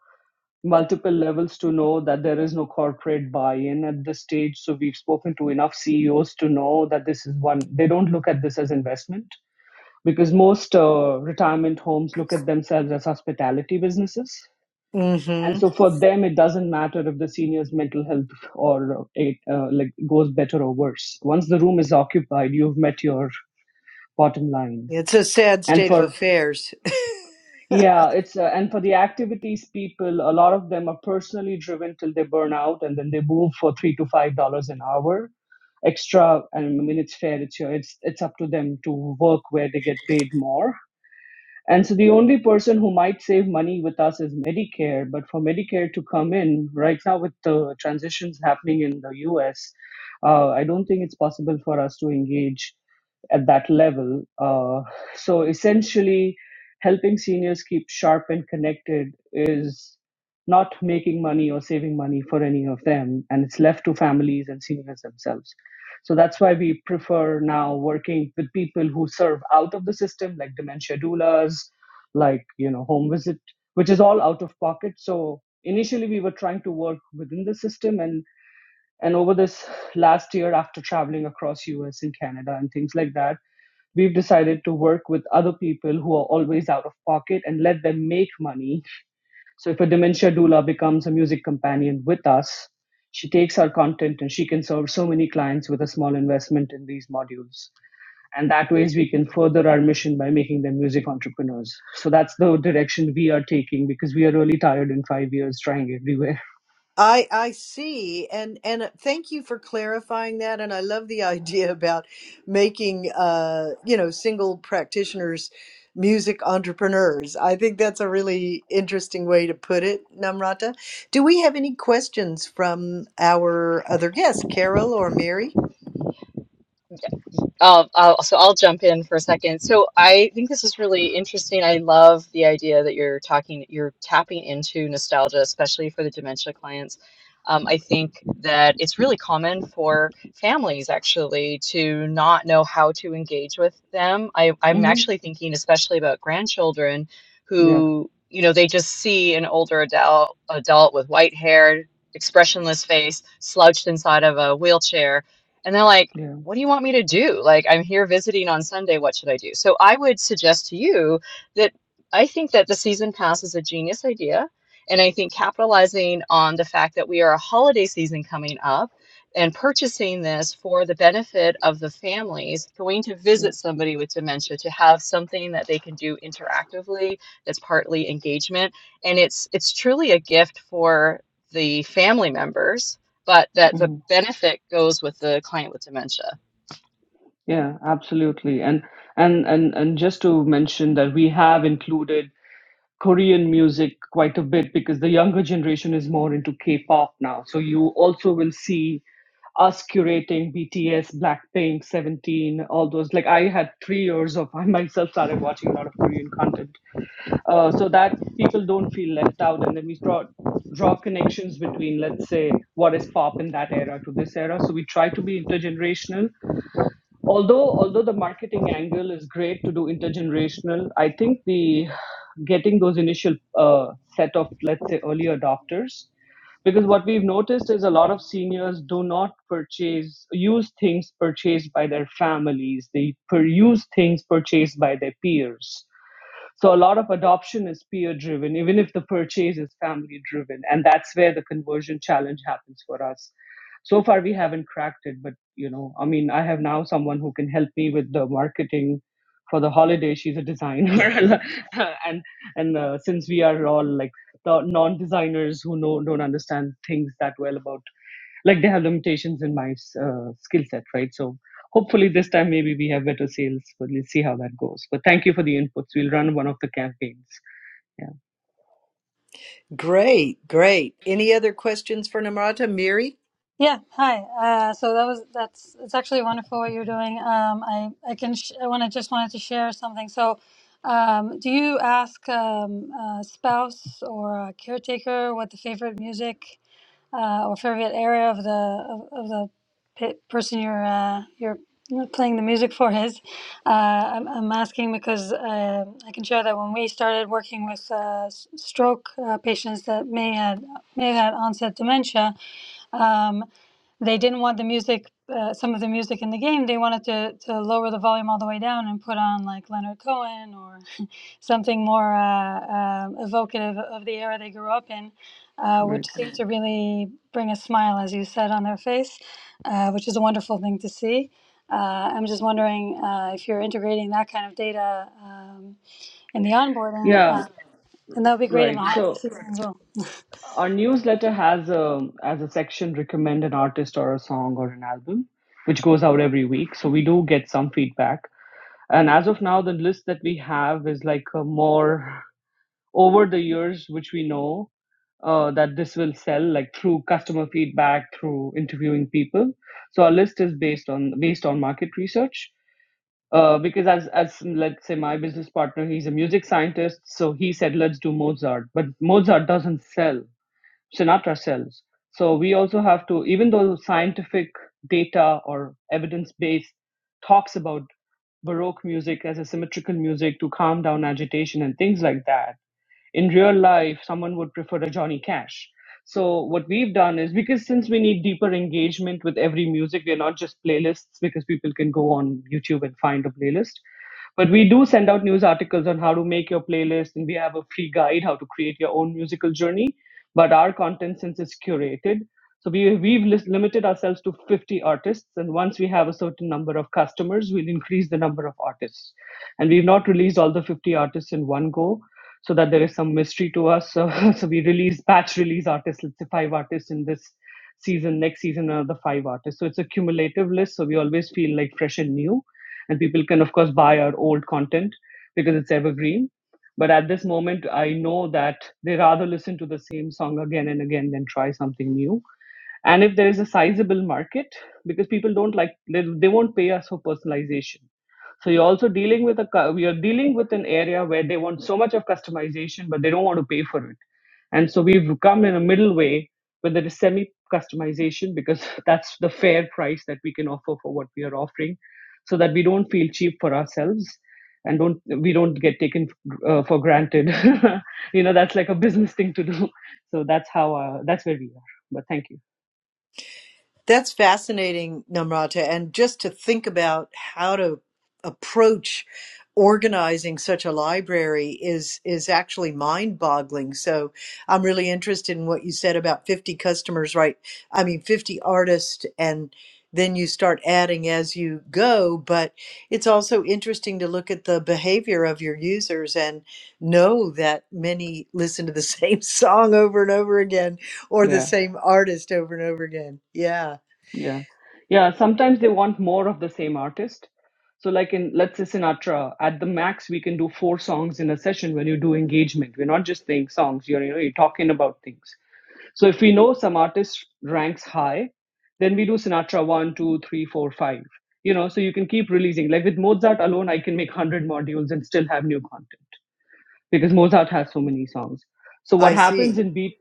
E: multiple levels to know that there is no corporate buy-in at this stage. So we've spoken to enough CEOs to know that this is one. They don't look at this as investment because most uh, retirement homes look at themselves as hospitality businesses and
A: Mm-hmm.
E: so for them it doesn't matter if the senior's mental health or uh, it uh, like goes better or worse once the room is occupied you've met your bottom line
A: It's a sad
E: and
A: state of
E: for
A: affairs. [LAUGHS]
E: yeah it's uh, and for the activities people a lot of them are personally driven till they burn out and then they move for 3 to 5 dollars an hour extra and i mean it's fair it's your it's it's up to them to work where they get paid more and so the only person who might save money with us is Medicare. But for Medicare to come in right now with the transitions happening in the US, uh, I don't think it's possible for us to engage at that level. Uh, so essentially, helping seniors keep sharp and connected is not making money or saving money for any of them, and it's left to families and seniors themselves. So that's why we prefer now working with people who serve out of the system, like dementia doulas, like you know home visit, which is all out of pocket. So initially we were trying to work within the system, and and over this last year, after traveling across U.S. and Canada and things like that, we've decided to work with other people who are always out of pocket and let them make money so if a dementia doula becomes a music companion with us, she takes our content and she can serve so many clients with a small investment in these modules. And that ways we can further our mission by making them music entrepreneurs. So that's the direction we are taking because we are really tired in five years trying everywhere.
A: I I see and and uh, thank you for clarifying that and I love the [LAUGHS] idea about making uh you know single practitioners music entrepreneurs. I think that's a really interesting way to put it, Namrata. Do we have any questions from our other guests, Carol or Mary?
C: i I'll, so I'll jump in for a second. So I think this is really interesting. I love the idea that you're talking, you're tapping into nostalgia, especially for the dementia clients. Um, I think that it's really common for families actually to not know how to engage with them. I, I'm
E: hmm
C: actually thinking especially about grandchildren
E: Yeah,
C: who, you know, they just see an older adult, adult with white hair, expressionless face, slouched inside of a wheelchair, and they're like,
E: yeah,
C: what do you want me to do? Like, I'm here visiting on Sunday. What should I do? So I would suggest to you that I think that the season pass is a genius idea. And I think capitalizing on the fact that we are a holiday season coming up and purchasing this for the benefit of the families going to
E: yeah,
C: visit somebody with dementia to have something that they can do interactively that's partly engagement and it's it's truly a gift for the family members but that the
E: hmm
C: benefit goes with the client with dementia
E: yeah, absolutely. And and and and just to mention that we have included Korean music quite a bit because the younger generation is more into K-pop now. So you also will see us curating BTS, Blackpink, Seventeen, all those. Like I had three years of [LAUGHS] I myself started watching a lot of Korean content, uh, so that people don't feel left out, and then we draw draw connections between let's say what is pop in that era to this era so we try to be intergenerational although although the marketing angle is great to do intergenerational i think the getting those initial uh, set of let's say early adopters because what we've noticed is a lot of seniors do not purchase use things purchased by their families they per- use things purchased by their peers so a lot of adoption is peer driven, even if the purchase is family driven. And that's where the conversion challenge happens for us. So far, we haven't cracked it, but you know, I mean, I have now someone who can help me with the marketing for the holiday. She's a designer, [LAUGHS] and and uh, since we are all like the non-designers who know don't understand things that well about like they have limitations in my uh, skill set, right? So hopefully this time maybe we have better sales, but let's see how that goes. But thank you for the inputs. We'll run one of the campaigns. Yeah,
A: Great, great. Any other questions for Namrata, Mary?
D: Yeah, hi. Uh, so that was that's it's actually wonderful what you're doing. Um, I I can sh I want to just wanted to share something. So, um, do you ask um, a spouse or a caretaker what the favorite music uh, or favorite area of the of, of the pe person you're uh, you're playing the music for is? Uh, I'm, I'm asking because uh, I can share that when we started working with uh, s- stroke uh, patients that may had may have had onset dementia. Um, they didn't want the music, uh, some of the music in the game. They wanted to, to lower the volume all the way down and put on like Leonard Cohen or something more uh, um evocative of the era they grew up in, uh, which
E: right.
D: seemed to really bring a smile, as you said, on their face, uh, which is a wonderful thing to see. Uh, I'm just wondering uh, if you're integrating that kind of data um, in the onboarding, uh,
E: Yeah,
D: and that would be great in the
E: right.
D: holiday
E: So
D: season as well.
E: our newsletter has a as a section recommend an artist or a song or an album, which goes out every week. So we do get some feedback. And as of now, the list that we have is like a more over the years, which we know uh, that this will sell, like through customer feedback, through interviewing people. So our list is based on based on market research. Uh, because as as let's say my business partner, he's a music scientist, so he said let's do Mozart, but Mozart doesn't sell. Sinatra sells. So we also have to, even though scientific data or evidence based talks about Baroque music as a symmetrical music to calm down agitation and things like that in real life someone would prefer a johnny cash so what we've done is because since we need deeper engagement with every music we're not just playlists because people can go on youtube and find a playlist but we do send out news articles on how to make your playlist and we have a free guide how to create your own musical journey but our content since it's curated so we, we've lis- limited ourselves to 50 artists and once we have a certain number of customers we'll increase the number of artists and we've not released all the 50 artists in one go so that there is some mystery to us. So, [LAUGHS] so we release batch release artists. Let's say five artists in this season. Next season, another five artists. So it's a cumulative list. So we always feel like fresh and new, and people can of course buy our old content because it's evergreen. But at this moment, I know that they rather listen to the same song again and again than try something new. And if there is a sizable market, because people don't like, they, they won't pay us for personalization so you're also dealing with a cu- you're dealing with an area where they want so much of customization but they don't want to pay for it and so we've come in a middle way where there is semi customization because [LAUGHS] that's the fair price that we can offer for what we are offering so that we don't feel cheap for ourselves and don't we don't get taken uh, for granted [LAUGHS] you know that's like a business thing to do [LAUGHS] so that's how uh, that's where we are but thank you
A: That's fascinating, Namrata. And just to think about how to approach organizing such a library is is actually mind-boggling. So I'm really interested in what you said about 50 customers, right? I mean 50 artists and then you start adding as you go, but it's also interesting to look at the behavior of your users and know that many listen to the [LAUGHS] same song over and over again or the
E: Yeah.
A: same artist over and over again. Yeah.
E: Yeah. Yeah. Sometimes they want more of the same artist. So, like in, let's say Sinatra, at the max, we can do four songs in a session when you do engagement. We're not just playing songs, you're, you know, you're talking about things. So, if we know some artist ranks high, then we do Sinatra one, two, three, four, five. You know, so you can keep releasing. Like with Mozart alone, I can make 100 modules and still have new content because Mozart has so many songs. So what
A: I
E: happens
A: see.
E: in B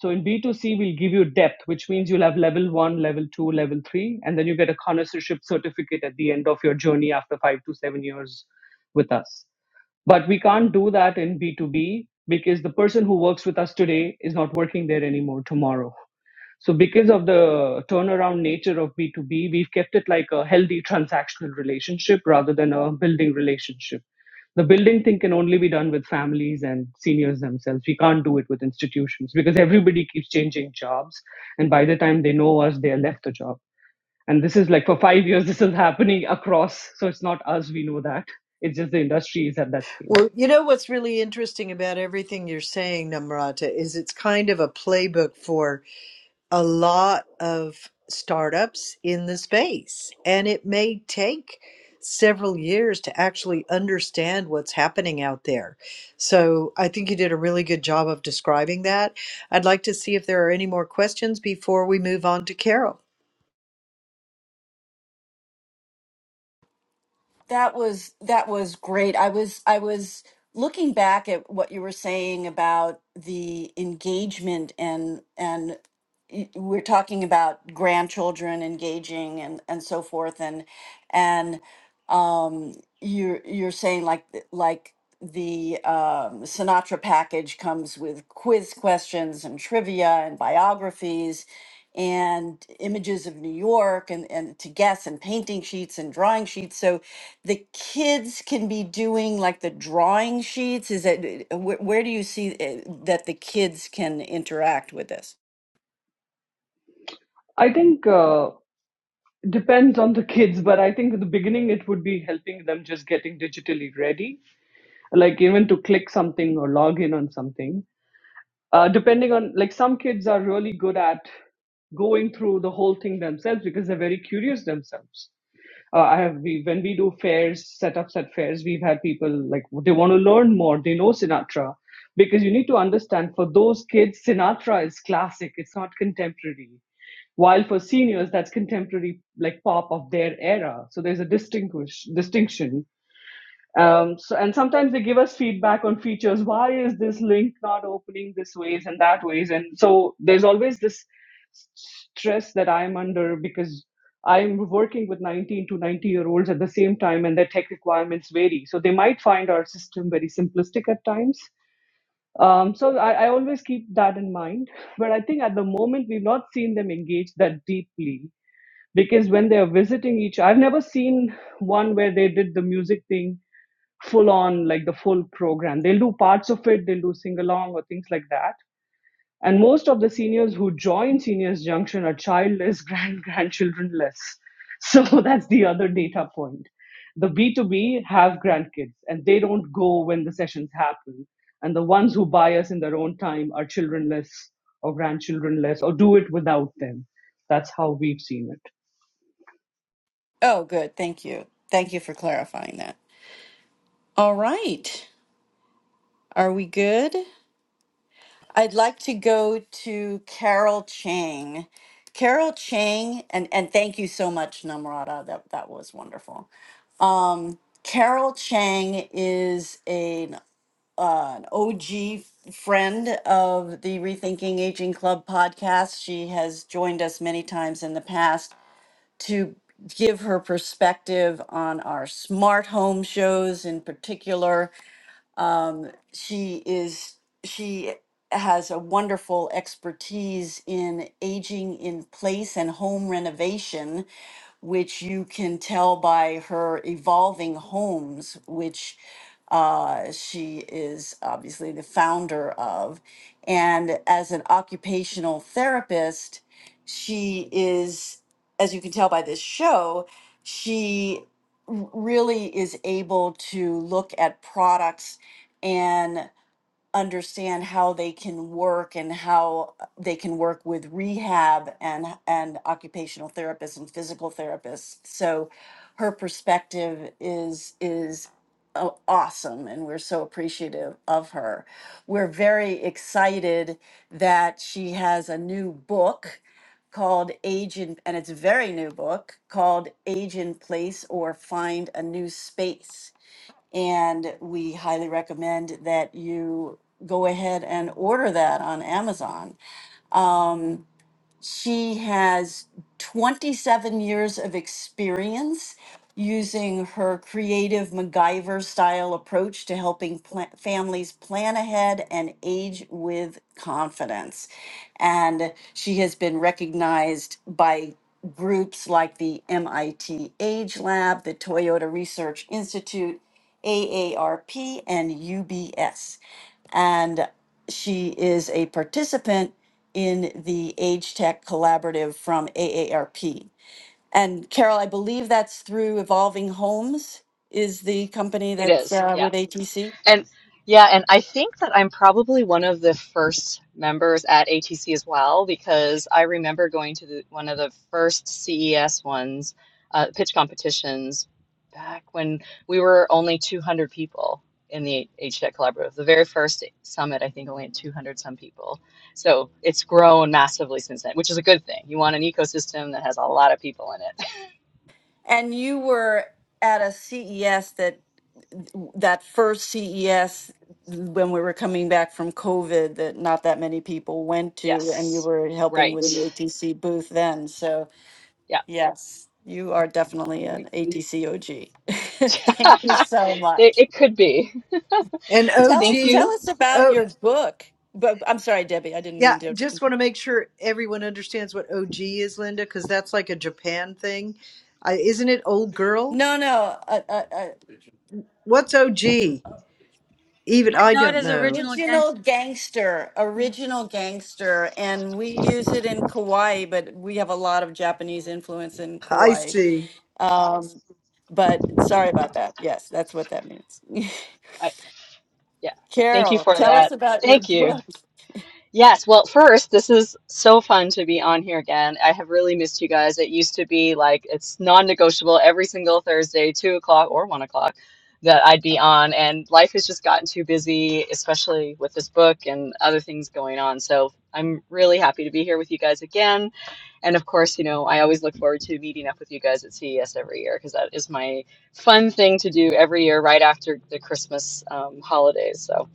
E: so in B2C we'll give you depth, which means you'll have level one, level two, level three, and then you get a connoisseurship certificate at the end of your journey after five to seven years with us. But we can't do that in B2B because the person who works with us today is not working there anymore tomorrow. So because of the turnaround nature of B2B, we've kept it like a healthy transactional relationship rather than a building relationship. The building thing can only be done with families and seniors themselves. We can't do it with institutions because everybody keeps changing jobs. And by the time they know us, they have left the job. And this is like for five years, this is happening across. So it's not us, we know that. It's just the industry is at that stage.
A: Well, you know what's really interesting about everything you're saying, Namrata, is it's kind of a playbook for a lot of startups in the space. And it may take several years to actually understand what's happening out there. So I think you did a really good job of describing that. I'd like to see if there are any more questions before we move on to Carol.
B: That was that was great. I was I was looking back at what you were saying about the engagement and and y- we're talking about grandchildren engaging and and so forth and and um you're you're saying like th- like the um, Sinatra package comes with quiz questions and trivia and biographies and images of New York and, and to guess and painting sheets and drawing sheets. So the kids can be doing like the drawing sheets? Is it uh, where, where do you see uh, that the kids can interact with this?
E: I think uh, depends on the kids, but I think at the beginning it would be helping them just getting digitally ready like even to click something or log in on something uh, depending on like some kids are really good at going through the whole thing themselves because they're very curious themselves uh, i have we when we do fairs setups at fairs we've had people like they want to learn more they know sinatra because you need to understand for those kids sinatra is classic it's not contemporary while for seniors that's contemporary like pop of their era so there's a distinguish distinction um, so, and sometimes they give us feedback on features. Why is this link not opening this ways and that ways? And so there's always this s- stress that I'm under because I'm working with 19 to 90 year olds at the same time, and their tech requirements vary. So they might find our system very simplistic at times. Um, so I, I always keep that in mind. But I think at the moment we've not seen them engage that deeply because when they are visiting each, I've never seen one where they did the music thing full on like the full program. They'll do parts of it, they'll do sing along or things like that. And most of the seniors who join Seniors Junction are childless, [LAUGHS] grand grandchildrenless. So that's the other data point. The B2B have grandkids and they don't go when the sessions happen. And the ones who buy us in their own time are childrenless or grandchildrenless or do it without them. That's how we've seen it.
B: Oh, good. Thank you. Thank you for clarifying that. All right. Are we good? I'd like to go to Carol Chang. Carol Chang, and, and thank you so much, Namrata. That, that was wonderful. Um, Carol Chang is an uh, an OG friend of the Rethinking Aging Club podcast. She has joined us many times in the past to give her perspective on our smart home shows in particular um, she is she has a wonderful expertise in aging in place and home renovation which you can tell by her evolving homes which uh, she is obviously the founder of and as an occupational therapist she is as you can tell by this show she r- really is able to look at products and understand how they can work and how they can work with rehab and and occupational therapists and physical therapists. So her perspective is is a- awesome and we're so appreciative of her. We're very excited that she has a new book called Age in and it's a very new book called Age in Place or Find a New Space and we highly recommend that you go ahead and order that on Amazon. Um, she has 27 years of experience using her creative MacGyver style approach to helping pla- families plan ahead and age with confidence. And she has been recognized by groups like the MIT Age Lab, the Toyota Research Institute, AARP, and UBS. And she is a participant in the Age Tech Collaborative from AARP. And Carol, I believe that's through Evolving Homes is the company
C: It
B: that's
C: is,
B: uh,
C: yeah.
B: with ATC.
C: And yeah, and I think that I'm probably one of the first members at ATC as well because I remember going to the, one of the first CES ones, uh, pitch competitions back when we were only 200 people in the H Tech Collaborative. The very first summit, I think, only had 200 some people. So it's grown massively since then, which is a good thing. You want an ecosystem that has a lot of people in it. [LAUGHS]
B: And you were at a CES that that first CES when we were coming back from COVID that not that many people went to, and you
C: Yes,
B: were helping
C: right.
B: with the ATC booth then. So
C: Yeah.
B: yes, you are definitely an ATCOG. [LAUGHS] Thank you
C: [LAUGHS]
B: so much.
C: It, it could be.
A: And
B: Tell
C: Thank
B: us, tell
C: you.
B: us about
A: OG,
B: your book. But I'm sorry, Debbie, I didn't
A: Yeah,
B: mean
A: I
B: to.
A: just want to make sure everyone understands what OG is, Linda, because that's like a Japan thing. I, isn't it old girl?
B: No, no, uh, uh, uh,
A: What's OG? Even
D: I
A: I
D: know it
A: don't
D: is
A: know.
D: original gangster.
B: original gangster, original gangster, and we use it in Kauai, but we have a lot of Japanese influence in
A: I
B: Kauai.
A: see.
B: Um, but sorry about that. Yes, that's what that means. [LAUGHS]
C: I, yeah. Thank you
B: Carol,
C: for
B: tell us
C: that.
B: about your
C: Thank you.
B: book.
C: Yes, well, first, this is so fun to be on here again. I have really missed you guys. It used to be like it's non-negotiable every single Thursday, two o'clock or one o'clock, that I'd be on. And life has just gotten too busy, especially with this book and other things going on. So I'm really happy to be here with you guys again. And of course, you know, I always look forward to meeting up with you guys at CES every year because that is my fun thing to do every year right after the Christmas um, holidays. So.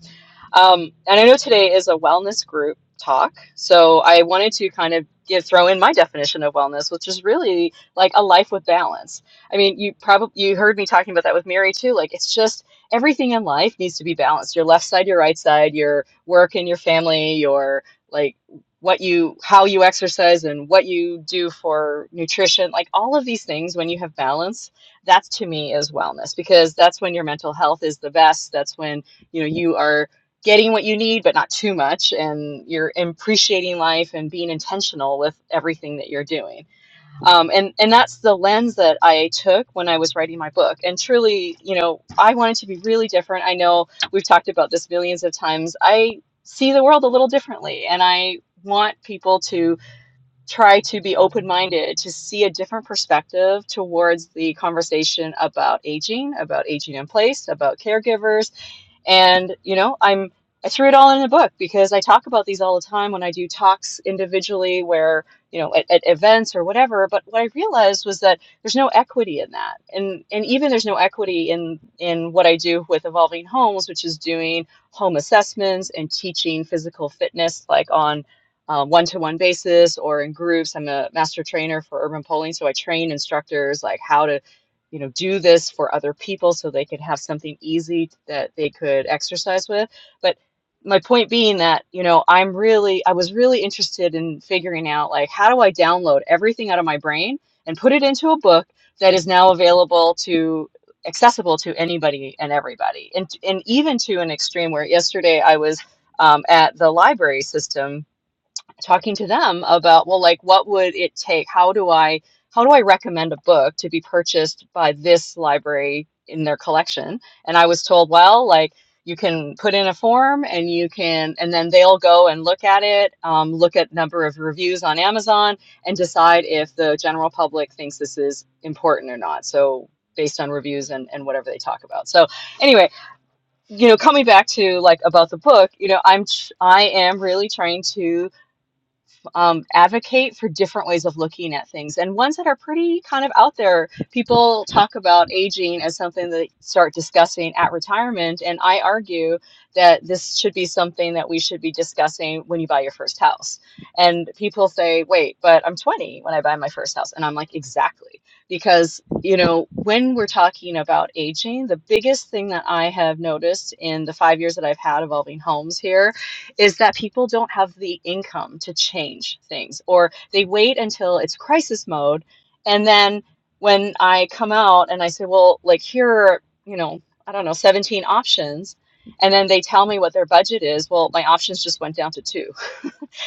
C: Um, and I know today is a wellness group talk, so I wanted to kind of give throw in my definition of wellness, which is really like a life with balance. I mean, you probably you heard me talking about that with Mary too. Like it's just everything in life needs to be balanced. Your left side, your right side, your work and your family, your like what you how you exercise and what you do for nutrition like all of these things when you have balance that's to me is wellness because that's when your mental health is the best that's when you know you are getting what you need, but not too much. And you're appreciating life and being intentional with everything that you're doing. Um, and, and that's the lens that I took when I was writing my book. And truly, you know, I wanted to be really different. I know we've talked about this millions of times. I see the world a little differently, and I want people to try to be open minded, to see a different perspective towards the conversation about aging, about aging in place, about caregivers and, you know, I'm I threw it all in the book because I talk about these all the time when I do talks individually where, you know, at, at events or whatever. But what I realized was that there's no equity in that. And and even there's no equity in in what I do with Evolving Homes, which is doing home assessments and teaching physical fitness like on uh, one-to-one basis or in groups. I'm a master trainer for urban polling, so I train instructors like how to you know do this for other people so they could have something easy that they could exercise with but my point being that you know i'm really i was really interested in figuring out like how do i download everything out of my brain and put it into a book that is now available to accessible to anybody and everybody and and even to an extreme where yesterday i was um, at the library system talking to them about well like what would it take how do i how do i recommend a book to be purchased by this library in their collection and i was told well like you can put in a form and you can and then they'll go and look at it um, look at number of reviews on amazon and decide if the general public thinks this is important or not so based on reviews and, and whatever they talk about so anyway you know coming back to like about the book you know i'm tr- i am really trying to um, advocate for different ways of looking at things and ones that are pretty kind of out there. People talk about aging as something that they start discussing at retirement, and I argue that this should be something that we should be discussing when you buy your first house. And people say, wait, but I'm 20 when I buy my first house. And I'm like, exactly. Because, you know, when we're talking about aging, the biggest thing that I have noticed in the five years that I've had evolving homes here is that people don't have the income to change things, or they wait until it's crisis mode. And then when I come out and I say, well, like, here are, you know, I don't know, 17 options, and then they tell me what their budget is, well, my options just went down to two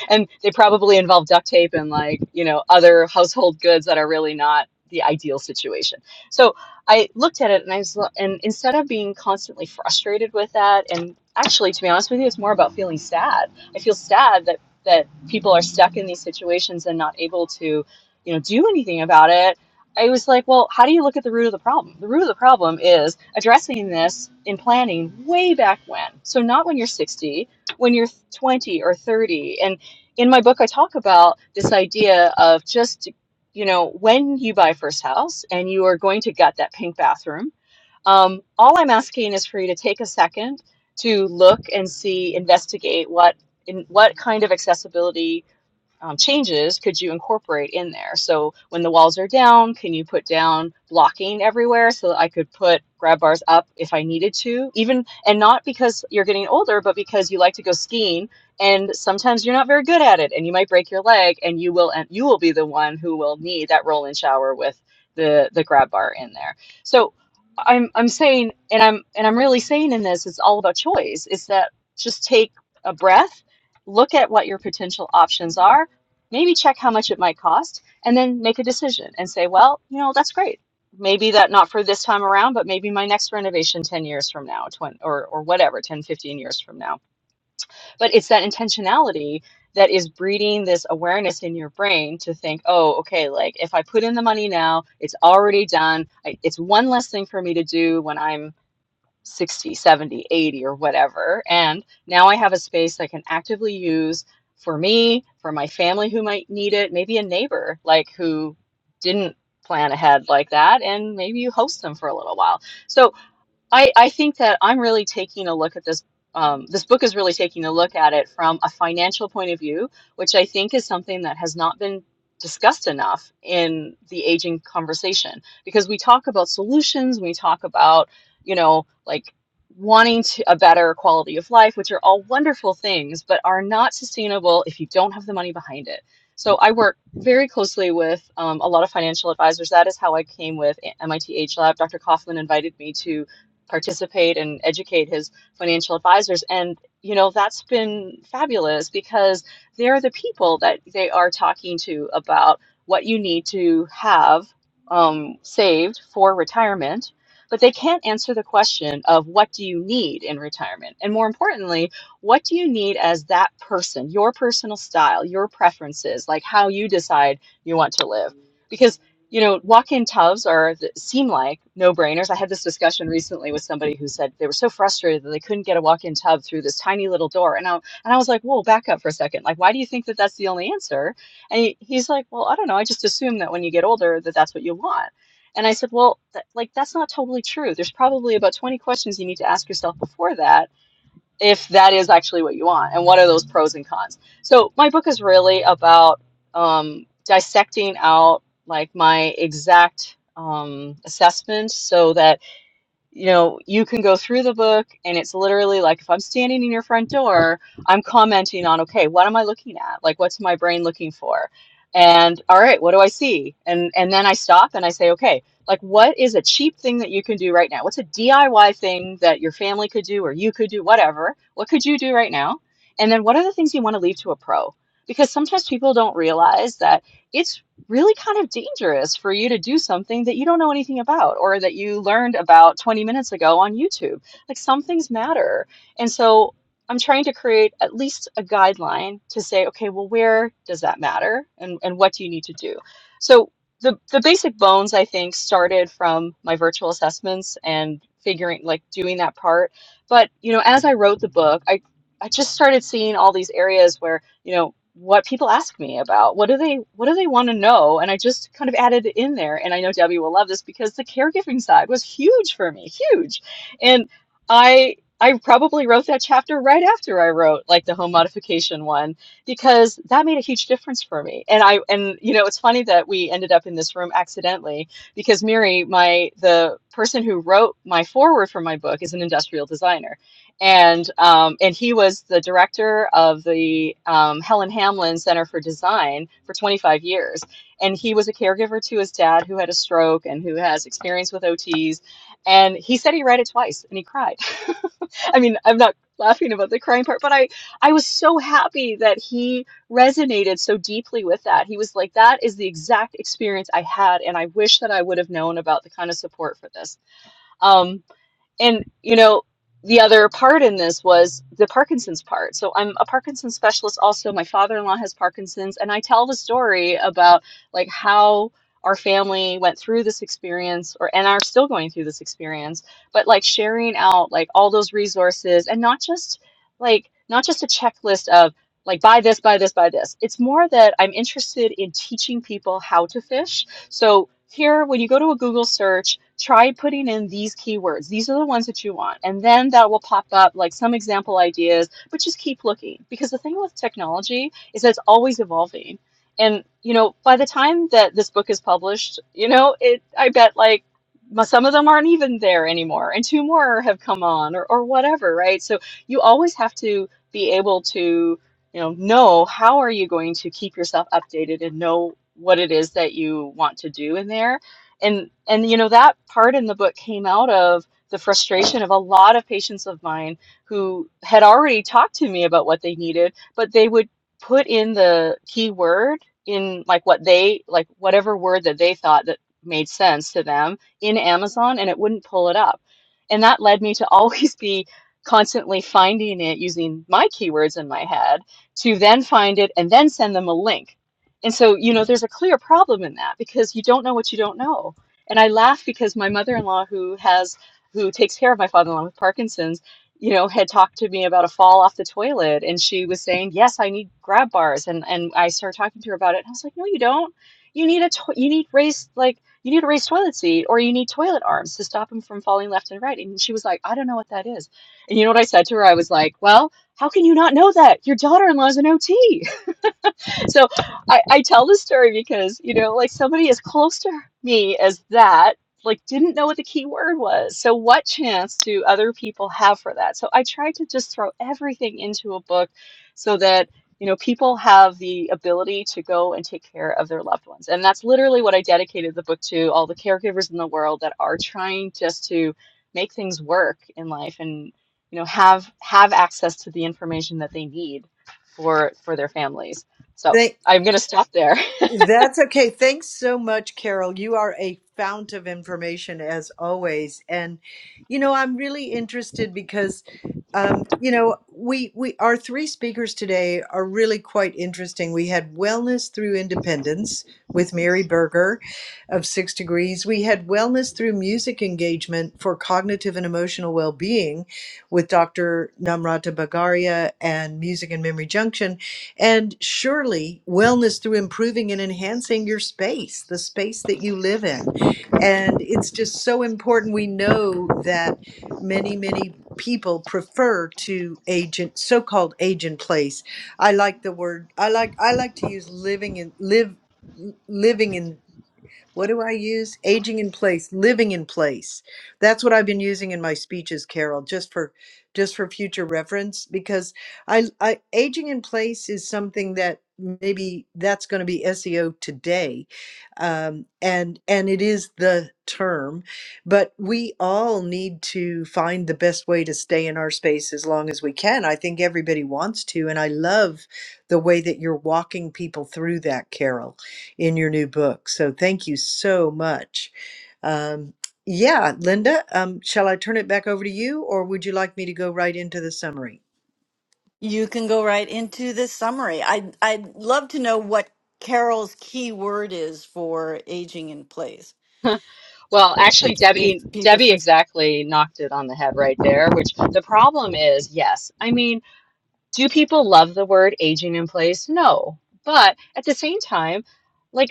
C: and they probably involve duct tape and like you know other household goods that are really not the ideal situation so i looked at it and i was lo- and instead of being constantly frustrated with that and actually to be honest with you it's more about feeling sad i feel sad that that people are stuck in these situations and not able to you know do anything about it I was like, well, how do you look at the root of the problem? The root of the problem is addressing this in planning way back when. So, not when you're 60, when you're 20 or 30. and in my book, I talk about this idea of just, you know, when you buy first house and you are going to gut that pink bathroom, um, all I'm asking is for you to take a second to look and see, investigate what in what kind of accessibility um, changes could you incorporate in there? So when the walls are down, can you put down blocking everywhere so that I could put grab bars up if I needed to? Even and not because you're getting older, but because you like to go skiing and sometimes you're not very good at it and you might break your leg and you will and you will be the one who will need that roll in shower with the the grab bar in there. So I'm I'm saying and I'm and I'm really saying in this it's all about choice. Is that just take a breath, look at what your potential options are maybe check how much it might cost and then make a decision and say, well, you know, that's great. Maybe that not for this time around, but maybe my next renovation 10 years from now, 20, or, or whatever, 10, 15 years from now. But it's that intentionality that is breeding this awareness in your brain to think, oh, okay, like if I put in the money now, it's already done. I, it's one less thing for me to do when I'm 60, 70, 80, or whatever. And now I have a space I can actively use for me, for my family who might need it, maybe a neighbor like who didn't plan ahead like that and maybe you host them for a little while. So I, I think that I'm really taking a look at this. Um, this book is really taking a look at it from a financial point of view, which I think is something that has not been discussed enough in the aging conversation. Because we talk about solutions, we talk about, you know, like wanting to, a better quality of life, which are all wonderful things, but are not sustainable if you don't have the money behind it. So I work very closely with um, a lot of financial advisors. That is how I came with MIT Age Lab. Dr. Kaufman invited me to participate and educate his financial advisors. And, you know, that's been fabulous because they're the people that they are talking to about what you need to have um, saved for retirement. But they can't answer the question of what do you need in retirement? And more importantly, what do you need as that person, your personal style, your preferences, like how you decide you want to live? because. You know, walk-in tubs are seem like no-brainers. I had this discussion recently with somebody who said they were so frustrated that they couldn't get a walk-in tub through this tiny little door. And I and I was like, "Whoa, back up for a second. Like, why do you think that that's the only answer?" And he, he's like, "Well, I don't know. I just assume that when you get older, that that's what you want." And I said, "Well, that, like that's not totally true. There's probably about 20 questions you need to ask yourself before that if that is actually what you want and what are those pros and cons so my book is really about um, dissecting out like my exact um, assessment so that you know, you can go through the book and it's literally like if I'm standing in your front door, I'm commenting on, okay, what am I looking at? Like what's my brain looking for? And all right, what do I see? And and then I stop and I say, okay, like what is a cheap thing that you can do right now? What's a DIY thing that your family could do or you could do whatever? What could you do right now? And then what are the things you want to leave to a pro? Because sometimes people don't realize that it's really kind of dangerous for you to do something that you don't know anything about or that you learned about 20 minutes ago on YouTube. Like some things matter. And so I'm trying to create at least a guideline to say, okay, well, where does that matter and, and what do you need to do? So the, the basic bones, I think, started from my virtual assessments and figuring like doing that part. But you know, as I wrote the book, I I just started seeing all these areas where you know, what people ask me about. What do they what do they want to know? And I just kind of added it in there. And I know Debbie will love this because the caregiving side was huge for me, huge. And I I probably wrote that chapter right after I wrote like the home modification one because that made a huge difference for me. And I and you know, it's funny that we ended up in this room accidentally because Miri, my the person who wrote my foreword for my book is an industrial designer and um, and he was the director of the um, Helen Hamlin Center for Design for 25 years, and he was a caregiver to his dad who had a stroke and who has experience with OTs, and he said he read it twice and he cried. [LAUGHS] I mean, I'm not laughing about the crying part, but I I was so happy that he resonated so deeply with that. He was like, that is the exact experience I had, and I wish that I would have known about the kind of support for this. Um, and, you know, the other part in this was the Parkinson's part. So I'm a Parkinson's specialist also. My father-in-law has Parkinson's, and I tell the story about like how our family went through this experience or and are still going through this experience, but like sharing out like all those resources and not just like not just a checklist of like buy this, buy this, buy this. It's more that I'm interested in teaching people how to fish so here, when you go to a Google search, try putting in these keywords. These are the ones that you want. And then that will pop up like some example ideas, but just keep looking because the thing with technology is that it's always evolving. And, you know, by the time that this book is published, you know, it, I bet like some of them aren't even there anymore and two more have come on or, or whatever, right? So you always have to be able to you know, know how are you going to keep yourself updated and know what it is that you want to do in there. And and you know that part in the book came out of the frustration of a lot of patients of mine who had already talked to me about what they needed, but they would put in the key word in like what they like whatever word that they thought that made sense to them in Amazon and it wouldn't pull it up. And that led me to [LAUGHS] always be constantly finding it using my keywords in my head to then find it and then send them a link. And so, you know, there's a clear problem in that because you don't know what you don't know. And I laugh because my mother-in-law who has who takes care of my father-in-law with Parkinson's, you know, had talked to me about a fall off the toilet and she was saying, "Yes, I need grab bars." And and I started talking to her about it. And I was like, "No, you don't. You need a to- you need raised like you need a raised toilet seat or you need toilet arms to stop him from falling left and right." And she was like, "I don't know what that is." And you know what I said to her? I was like, "Well, how can you not know that? Your daughter in law is an OT. So I, I tell this story because, you know, like somebody as close to me as that, like didn't know what the key word was. So what chance do other people have for that? So I try to just throw everything into a book so that, you know, people have the ability to go and take care of their loved ones. And that's literally what I dedicated the book to, all the caregivers in the world that are trying just to make things work in life and, you know, have have access to the information that they need for for their families. So
A: Thank
C: I'm going to stop there. [LAUGHS]
A: That's okay. Thanks so much, Carol. You are a fount of information as always. And you know, I'm really interested because um, you know, we we our three speakers today are really quite interesting. We had wellness through independence with Mary Berger of Six Degrees. We had wellness through music engagement for cognitive and emotional well-being with Dr. Namrata Bagaria and Music and Memory Junction. And surely wellness through improving and enhancing your space, the space that you live in. And it's just so important. We know that many, many people prefer to agent so-called agent place. I like the word I like I like to use living in live living in what do I use? Aging in place, living in place. That's what I've been using in my speeches, Carol, just for just for future reference because I, I aging in place is something that maybe that's going to be SEO today. Um, and and it is the term, but we all need to find the best way to stay in our space as long as we can. I think everybody wants to, and I love the way that you're walking people through that, Carol in your new book. So thank you so much. Um, yeah, Linda, um, shall I turn it back over to you, or would you like me to go right into the summary?
B: You can go right into the summary. I I'd love to know what Carol's key word is for aging in place.
C: Well, actually,
B: If if
C: Debbie
B: people
C: Debbie exactly knocked it on the head right there. Which the problem is, yes. I mean, do people love the word aging in place? No, but at the same time. like.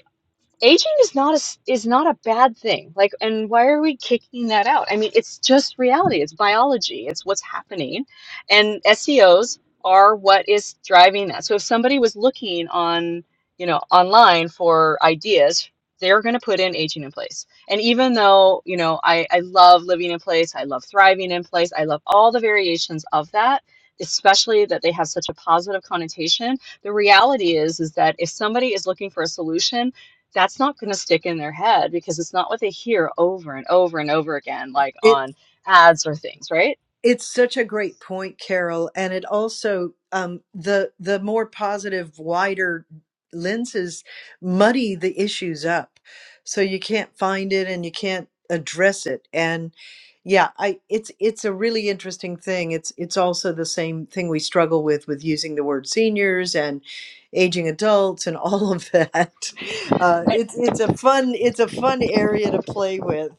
C: aging is not a s- is not a bad thing like and why are we kicking that out i mean it's just reality it's biology it's what's happening and seos are what is driving that so if somebody was looking on you know online for ideas they're going to put in aging in place and even though you know I, I love living in place i love thriving in place i love all the variations of that especially that they have such a positive connotation the reality is is that if somebody is looking for a solution that's not going to stick in their head because it's not what they hear over and over and over again, like
A: It.
C: on ads or things, right?
A: It's such a great point, Carol, and it also um, the the more positive, wider lenses muddy the issues up, so you can't find it and you can't address it. And yeah, I it's it's a really interesting thing. It's it's also the same thing we struggle with with using the word seniors and aging adults and [LAUGHS] all of that. [LAUGHS] Uh,
C: And
A: it's it's a fun it's a fun area to play with.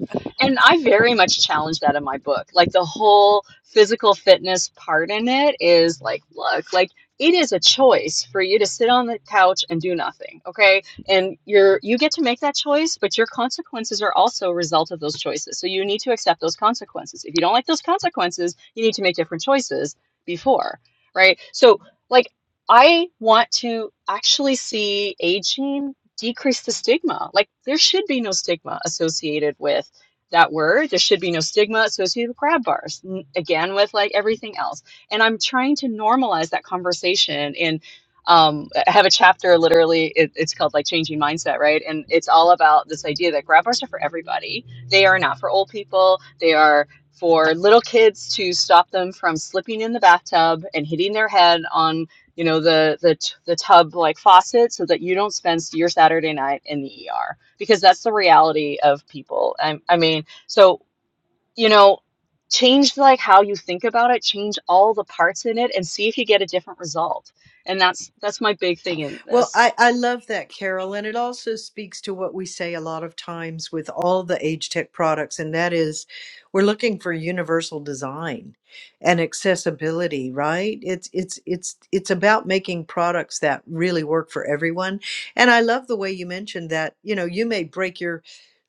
A: [LAUGHS]
C: and I very much challenge that in my book. Like the whole physical fitness part in it is like, look, like it is a choice for you to sit on the couch and do nothing, okay? And you're you get to make that choice, but your consequences are also a result of those choices. So you need to accept those consequences. If you don't like those consequences, you need to make different choices before, right? So like I want to actually see aging decrease the stigma. Like there should be no stigma associated with that word. There should be no stigma associated with grab bars. Again, with like everything else. And I'm trying to normalize that conversation. And um, I have a chapter literally, it, it's called like Changing Mindset, right? And it's all about this idea that grab bars are for everybody. They are not for old people, they are for little kids to stop them from slipping in the bathtub and hitting their head on you know, the the t- the tub like faucet so that you don't spend your Saturday night in the ER because that's the reality of people. I, I mean, so you know, change like how you think about it, change all the parts in it, and see if you get a different result. And that's that's my big thing in
A: Well,
C: this.
A: I, I love that, Carol. And it also speaks to what we say a lot of times with all the age tech products, and that is we're looking for universal design and accessibility, right? It's it's it's it's about making products that really work for everyone. And I love the way you mentioned that, you know, you may break your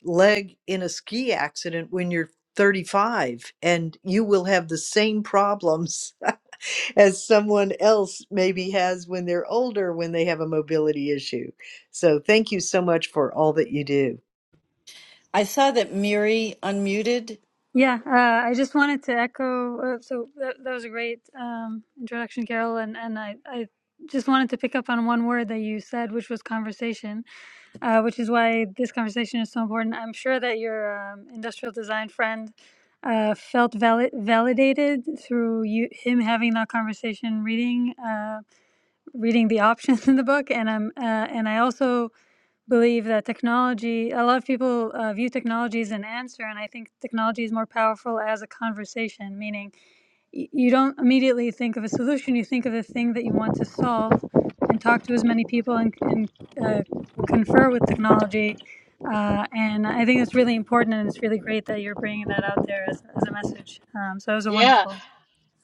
A: leg in a ski accident when you're 35 and you will have the same problems [LAUGHS] as someone else maybe has when they're older when they have a mobility issue. So thank you so much for all that you do.
B: I saw that Miri unmuted.
D: Yeah, uh, I just wanted to echo. Uh, so that, that was a great um, introduction, Carol, and and I, I just wanted to pick up on one word that you said, which was conversation, uh, which is why this conversation is so important. I'm sure that your um, industrial design friend uh, felt valid, validated through you him having that conversation, reading uh, reading the options [LAUGHS] in the book, and I'm uh, and I also believe that technology, a lot of people uh, view technology as an answer, and I think technology is more powerful as a conversation, meaning y- you don't immediately think of a solution, you think of the thing that you want to solve and talk to as many people and, and uh, confer with technology. Uh, and I think that's really important, and it's really great that you're bringing that out there as, as a message. Um, so it was a
C: Yeah.
D: wonderful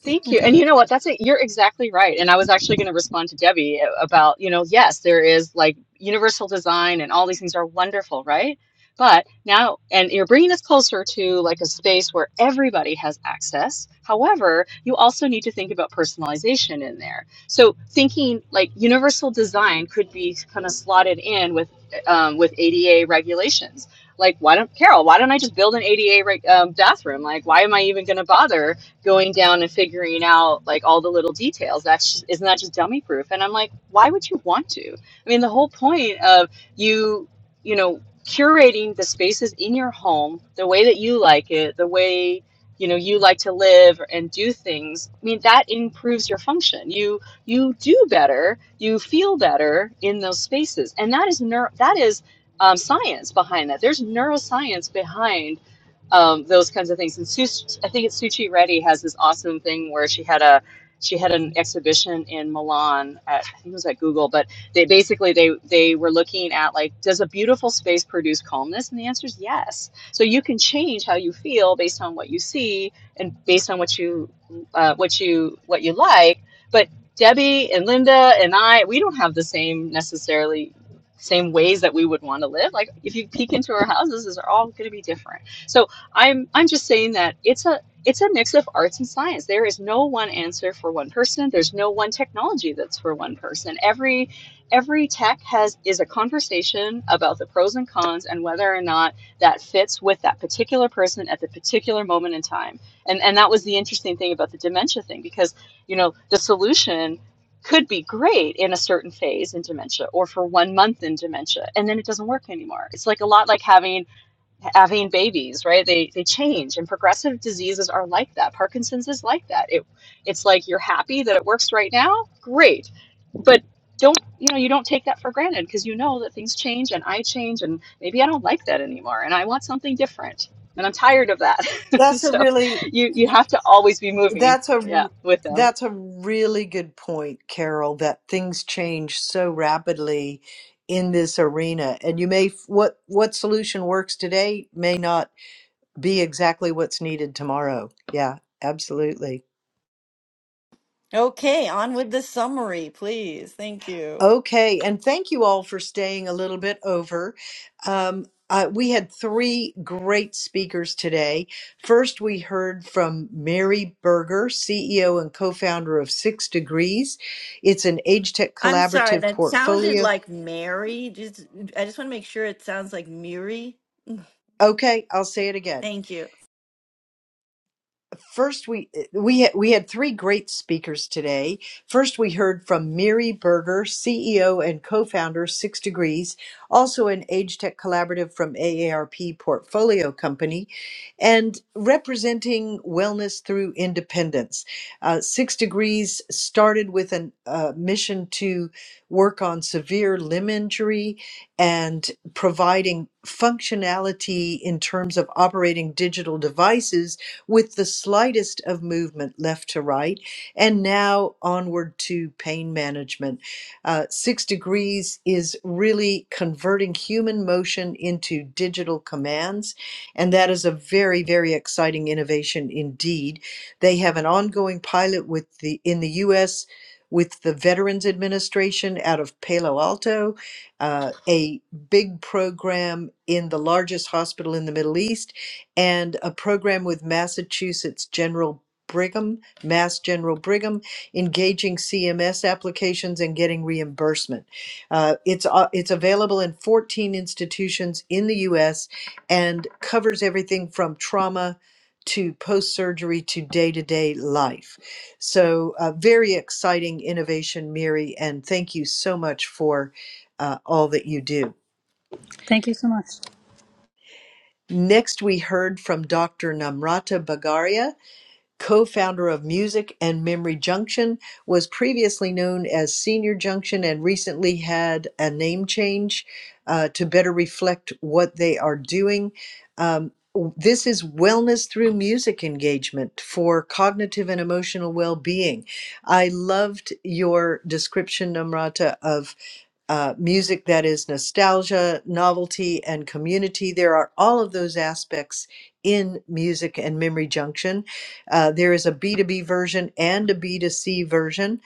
C: Thank you.
D: intro.
C: And you know what? That's it. You're exactly right. And I was actually going to respond to Debbie uh, about, you know, yes, there is like universal design and all these things are wonderful, right? But now, and you're bringing us closer to like a space where everybody has access. However, you also need to think about personalization in there. So thinking like universal design could be kind of slotted in with um, with ADA regulations. Like, why don't Carol? Why don't I just build an ADA reg- um, bathroom? Like, why am I even going to bother going down and figuring out like all the little details. That's isn't that just dummy proof? And I'm like, why would you want to? I mean, the whole point of you, you know, curating the spaces in your home, the way that you like it, the way you know you like to live and do things. I mean, that improves your function. You you do better, you feel better in those spaces, and that is neuro, that is um, science behind that. There's neuroscience behind um, those kinds of things. And Su- I think it's Suchi Reddy has this awesome thing where she had a she had an exhibition in Milan at I think it was at Google, but they basically they they were looking at like does a beautiful space produce calmness? And the answer is yes. So you can change how you feel based on what you see and based on what you uh, what you what you like. But Debbie and Linda and I we don't have the same necessarily same ways that we would want to live. Like if you peek into our houses, these are all going to be different. So I'm I'm just saying that it's a it's a mix of arts and science. There is no one answer for one person. There's no one technology that's for one person. Every every tech has is a conversation about the pros and cons and whether or not that fits with that particular person at the particular moment in time. And and that was the interesting thing about the dementia thing because you know the solution could be great in a certain phase in dementia or for one month in dementia and then it doesn't work anymore. It's like a lot like having having babies, right? They they change, and progressive diseases are like that. Parkinson's is like that. It it's like you're happy that it works right now, great, but don't you know you don't take that for granted because you know that things change and I change and maybe I don't like that anymore and I want something different and I'm tired of that. [LAUGHS]
A: That's a
C: so
A: really
C: you you have to always be moving,
A: that's a
C: yeah,
A: r-
C: with them.
A: that's a really good point, Carol, that things change so rapidly in this arena and you may f- what what solution works today may not be exactly what's needed tomorrow. Yeah, absolutely.
B: Okay, on with the summary, please. Thank you.
A: Okay, and thank you all for staying a little bit over. Um, uh, we had three great speakers today. First, we heard from Mary Berger, CEO and co founder of Six Degrees. It's an age tech
B: I'm sorry,
A: collaborative
B: that sounded
A: portfolio.
B: like Mary. Just I just want to make sure it sounds like Miri.
A: Okay, I'll say it again.
B: Thank you.
A: first we we we had three great speakers today. First, we heard from Miri Berger, CEO and co-founder Six Degrees, also an Age Tech collaborative from AARP Portfolio Company, and representing wellness through independence. Uh, Six Degrees started with a uh, mission to work on severe limb injury and providing functionality in terms of operating digital devices with the slightest of movement left to right, and now onward to pain management. Uh, six degrees is really converting human motion into digital commands, and that is a very, very exciting innovation indeed. They have an ongoing pilot with the in the U.S. with the Veterans Administration out of Palo Alto, uh, a big program in the largest hospital in the Middle East and a program with Massachusetts General Brigham, Mass General Brigham, engaging CMS applications and getting reimbursement. Uh, it's uh, it's available in 14 institutions in the U.S. and covers everything from trauma to post surgery to day to day life. So uh, very exciting innovation, Mary, and thank you so much for uh, all that you do.
D: Thank you so much.
A: Next, we heard from Dr. Namrata Bagaria co-founder of Music and Memory Junction, was previously known as Senior Junction and recently had a name change uh, to better reflect what they are doing. Um, this is wellness through music engagement for cognitive and emotional well-being. I loved your description, Namrata, of uh, music that is nostalgia, novelty, and community. There are all of those aspects in Music and Memory Junction. Uh, there is a B2B version and a B2C version.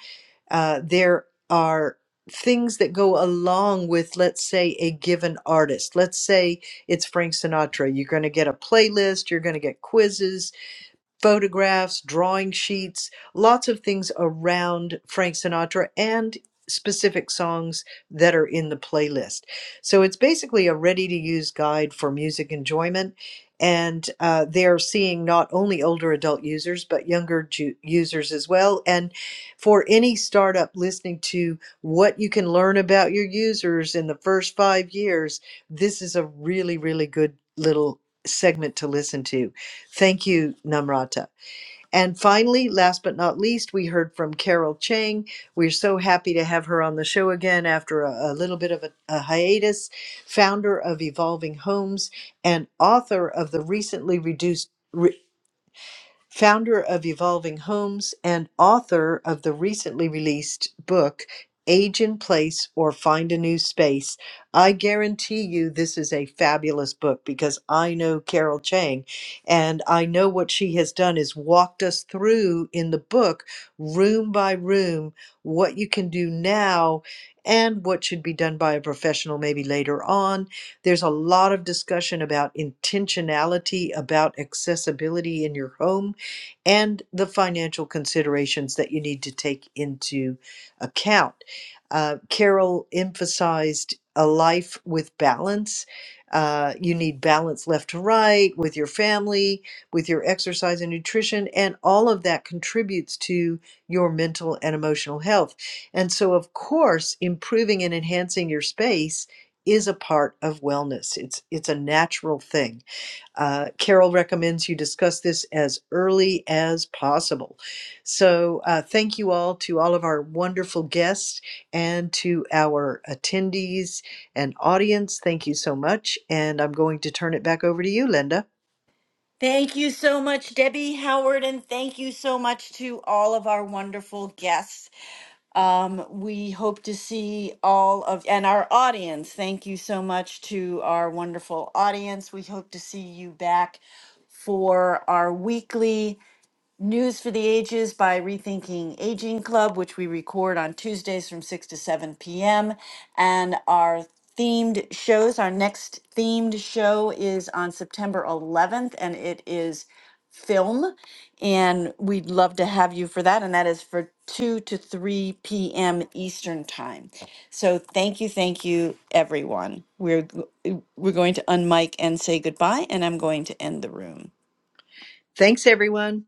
A: Uh, there are things that go along with, let's say, a given artist. Let's say it's Frank Sinatra. You're going to get a playlist, you're going to get quizzes, photographs, drawing sheets, lots of things around Frank Sinatra and specific songs that are in the playlist. So it's basically a ready to use guide for music enjoyment. And uh, they're seeing not only older adult users, but younger ju- users as well. And for any startup listening to what you can learn about your users in the first five years, this is a really, really good little segment to listen to. Thank you, Namrata. And finally, last but not least, we heard from Carol Chang. We're so happy to have her on the show again after a, a little bit of a, a hiatus, founder of Evolving Homes and author of the recently reduced founder of Evolving Homes and author of the recently released book, Age in Place or Find a New Space. I guarantee you this is a fabulous book because I know Carol Chang and I know what she has done is walked us through in the book, room by room, what you can do now and what should be done by a professional maybe later on. There's a lot of discussion about intentionality, about accessibility in your home and the financial considerations that you need to take into account. Uh, Carol emphasized a life with balance. Uh, you need balance left to right with your family, with your exercise and nutrition, and all of that contributes to your mental and emotional health. And so, of course, improving and enhancing your space is a part of wellness. It's it's a natural thing. Uh, Carol recommends you discuss this as early as possible. So, uh, thank you all to all of our wonderful guests and to our attendees and audience. Thank you so much. And I'm going to turn it back over to you, Linda.
B: Thank you so much, Debbie Howard, and thank you so much to all of our wonderful guests. Um, we hope to see all of and our audience. Thank you so much to our wonderful audience. We hope to see you back for our weekly News for the Ages by Rethinking Aging Club, which we record on Tuesdays from 6 to 7 p.m. And our themed shows, our next themed show is on September 11th, and it is film. And we'd love to have you for that. And that is for 2 to 3 p.m. Eastern Time. So thank you, thank you, everyone. We're, g- we're going to unmic and say goodbye, and I'm going to end the room.
A: Thanks, everyone.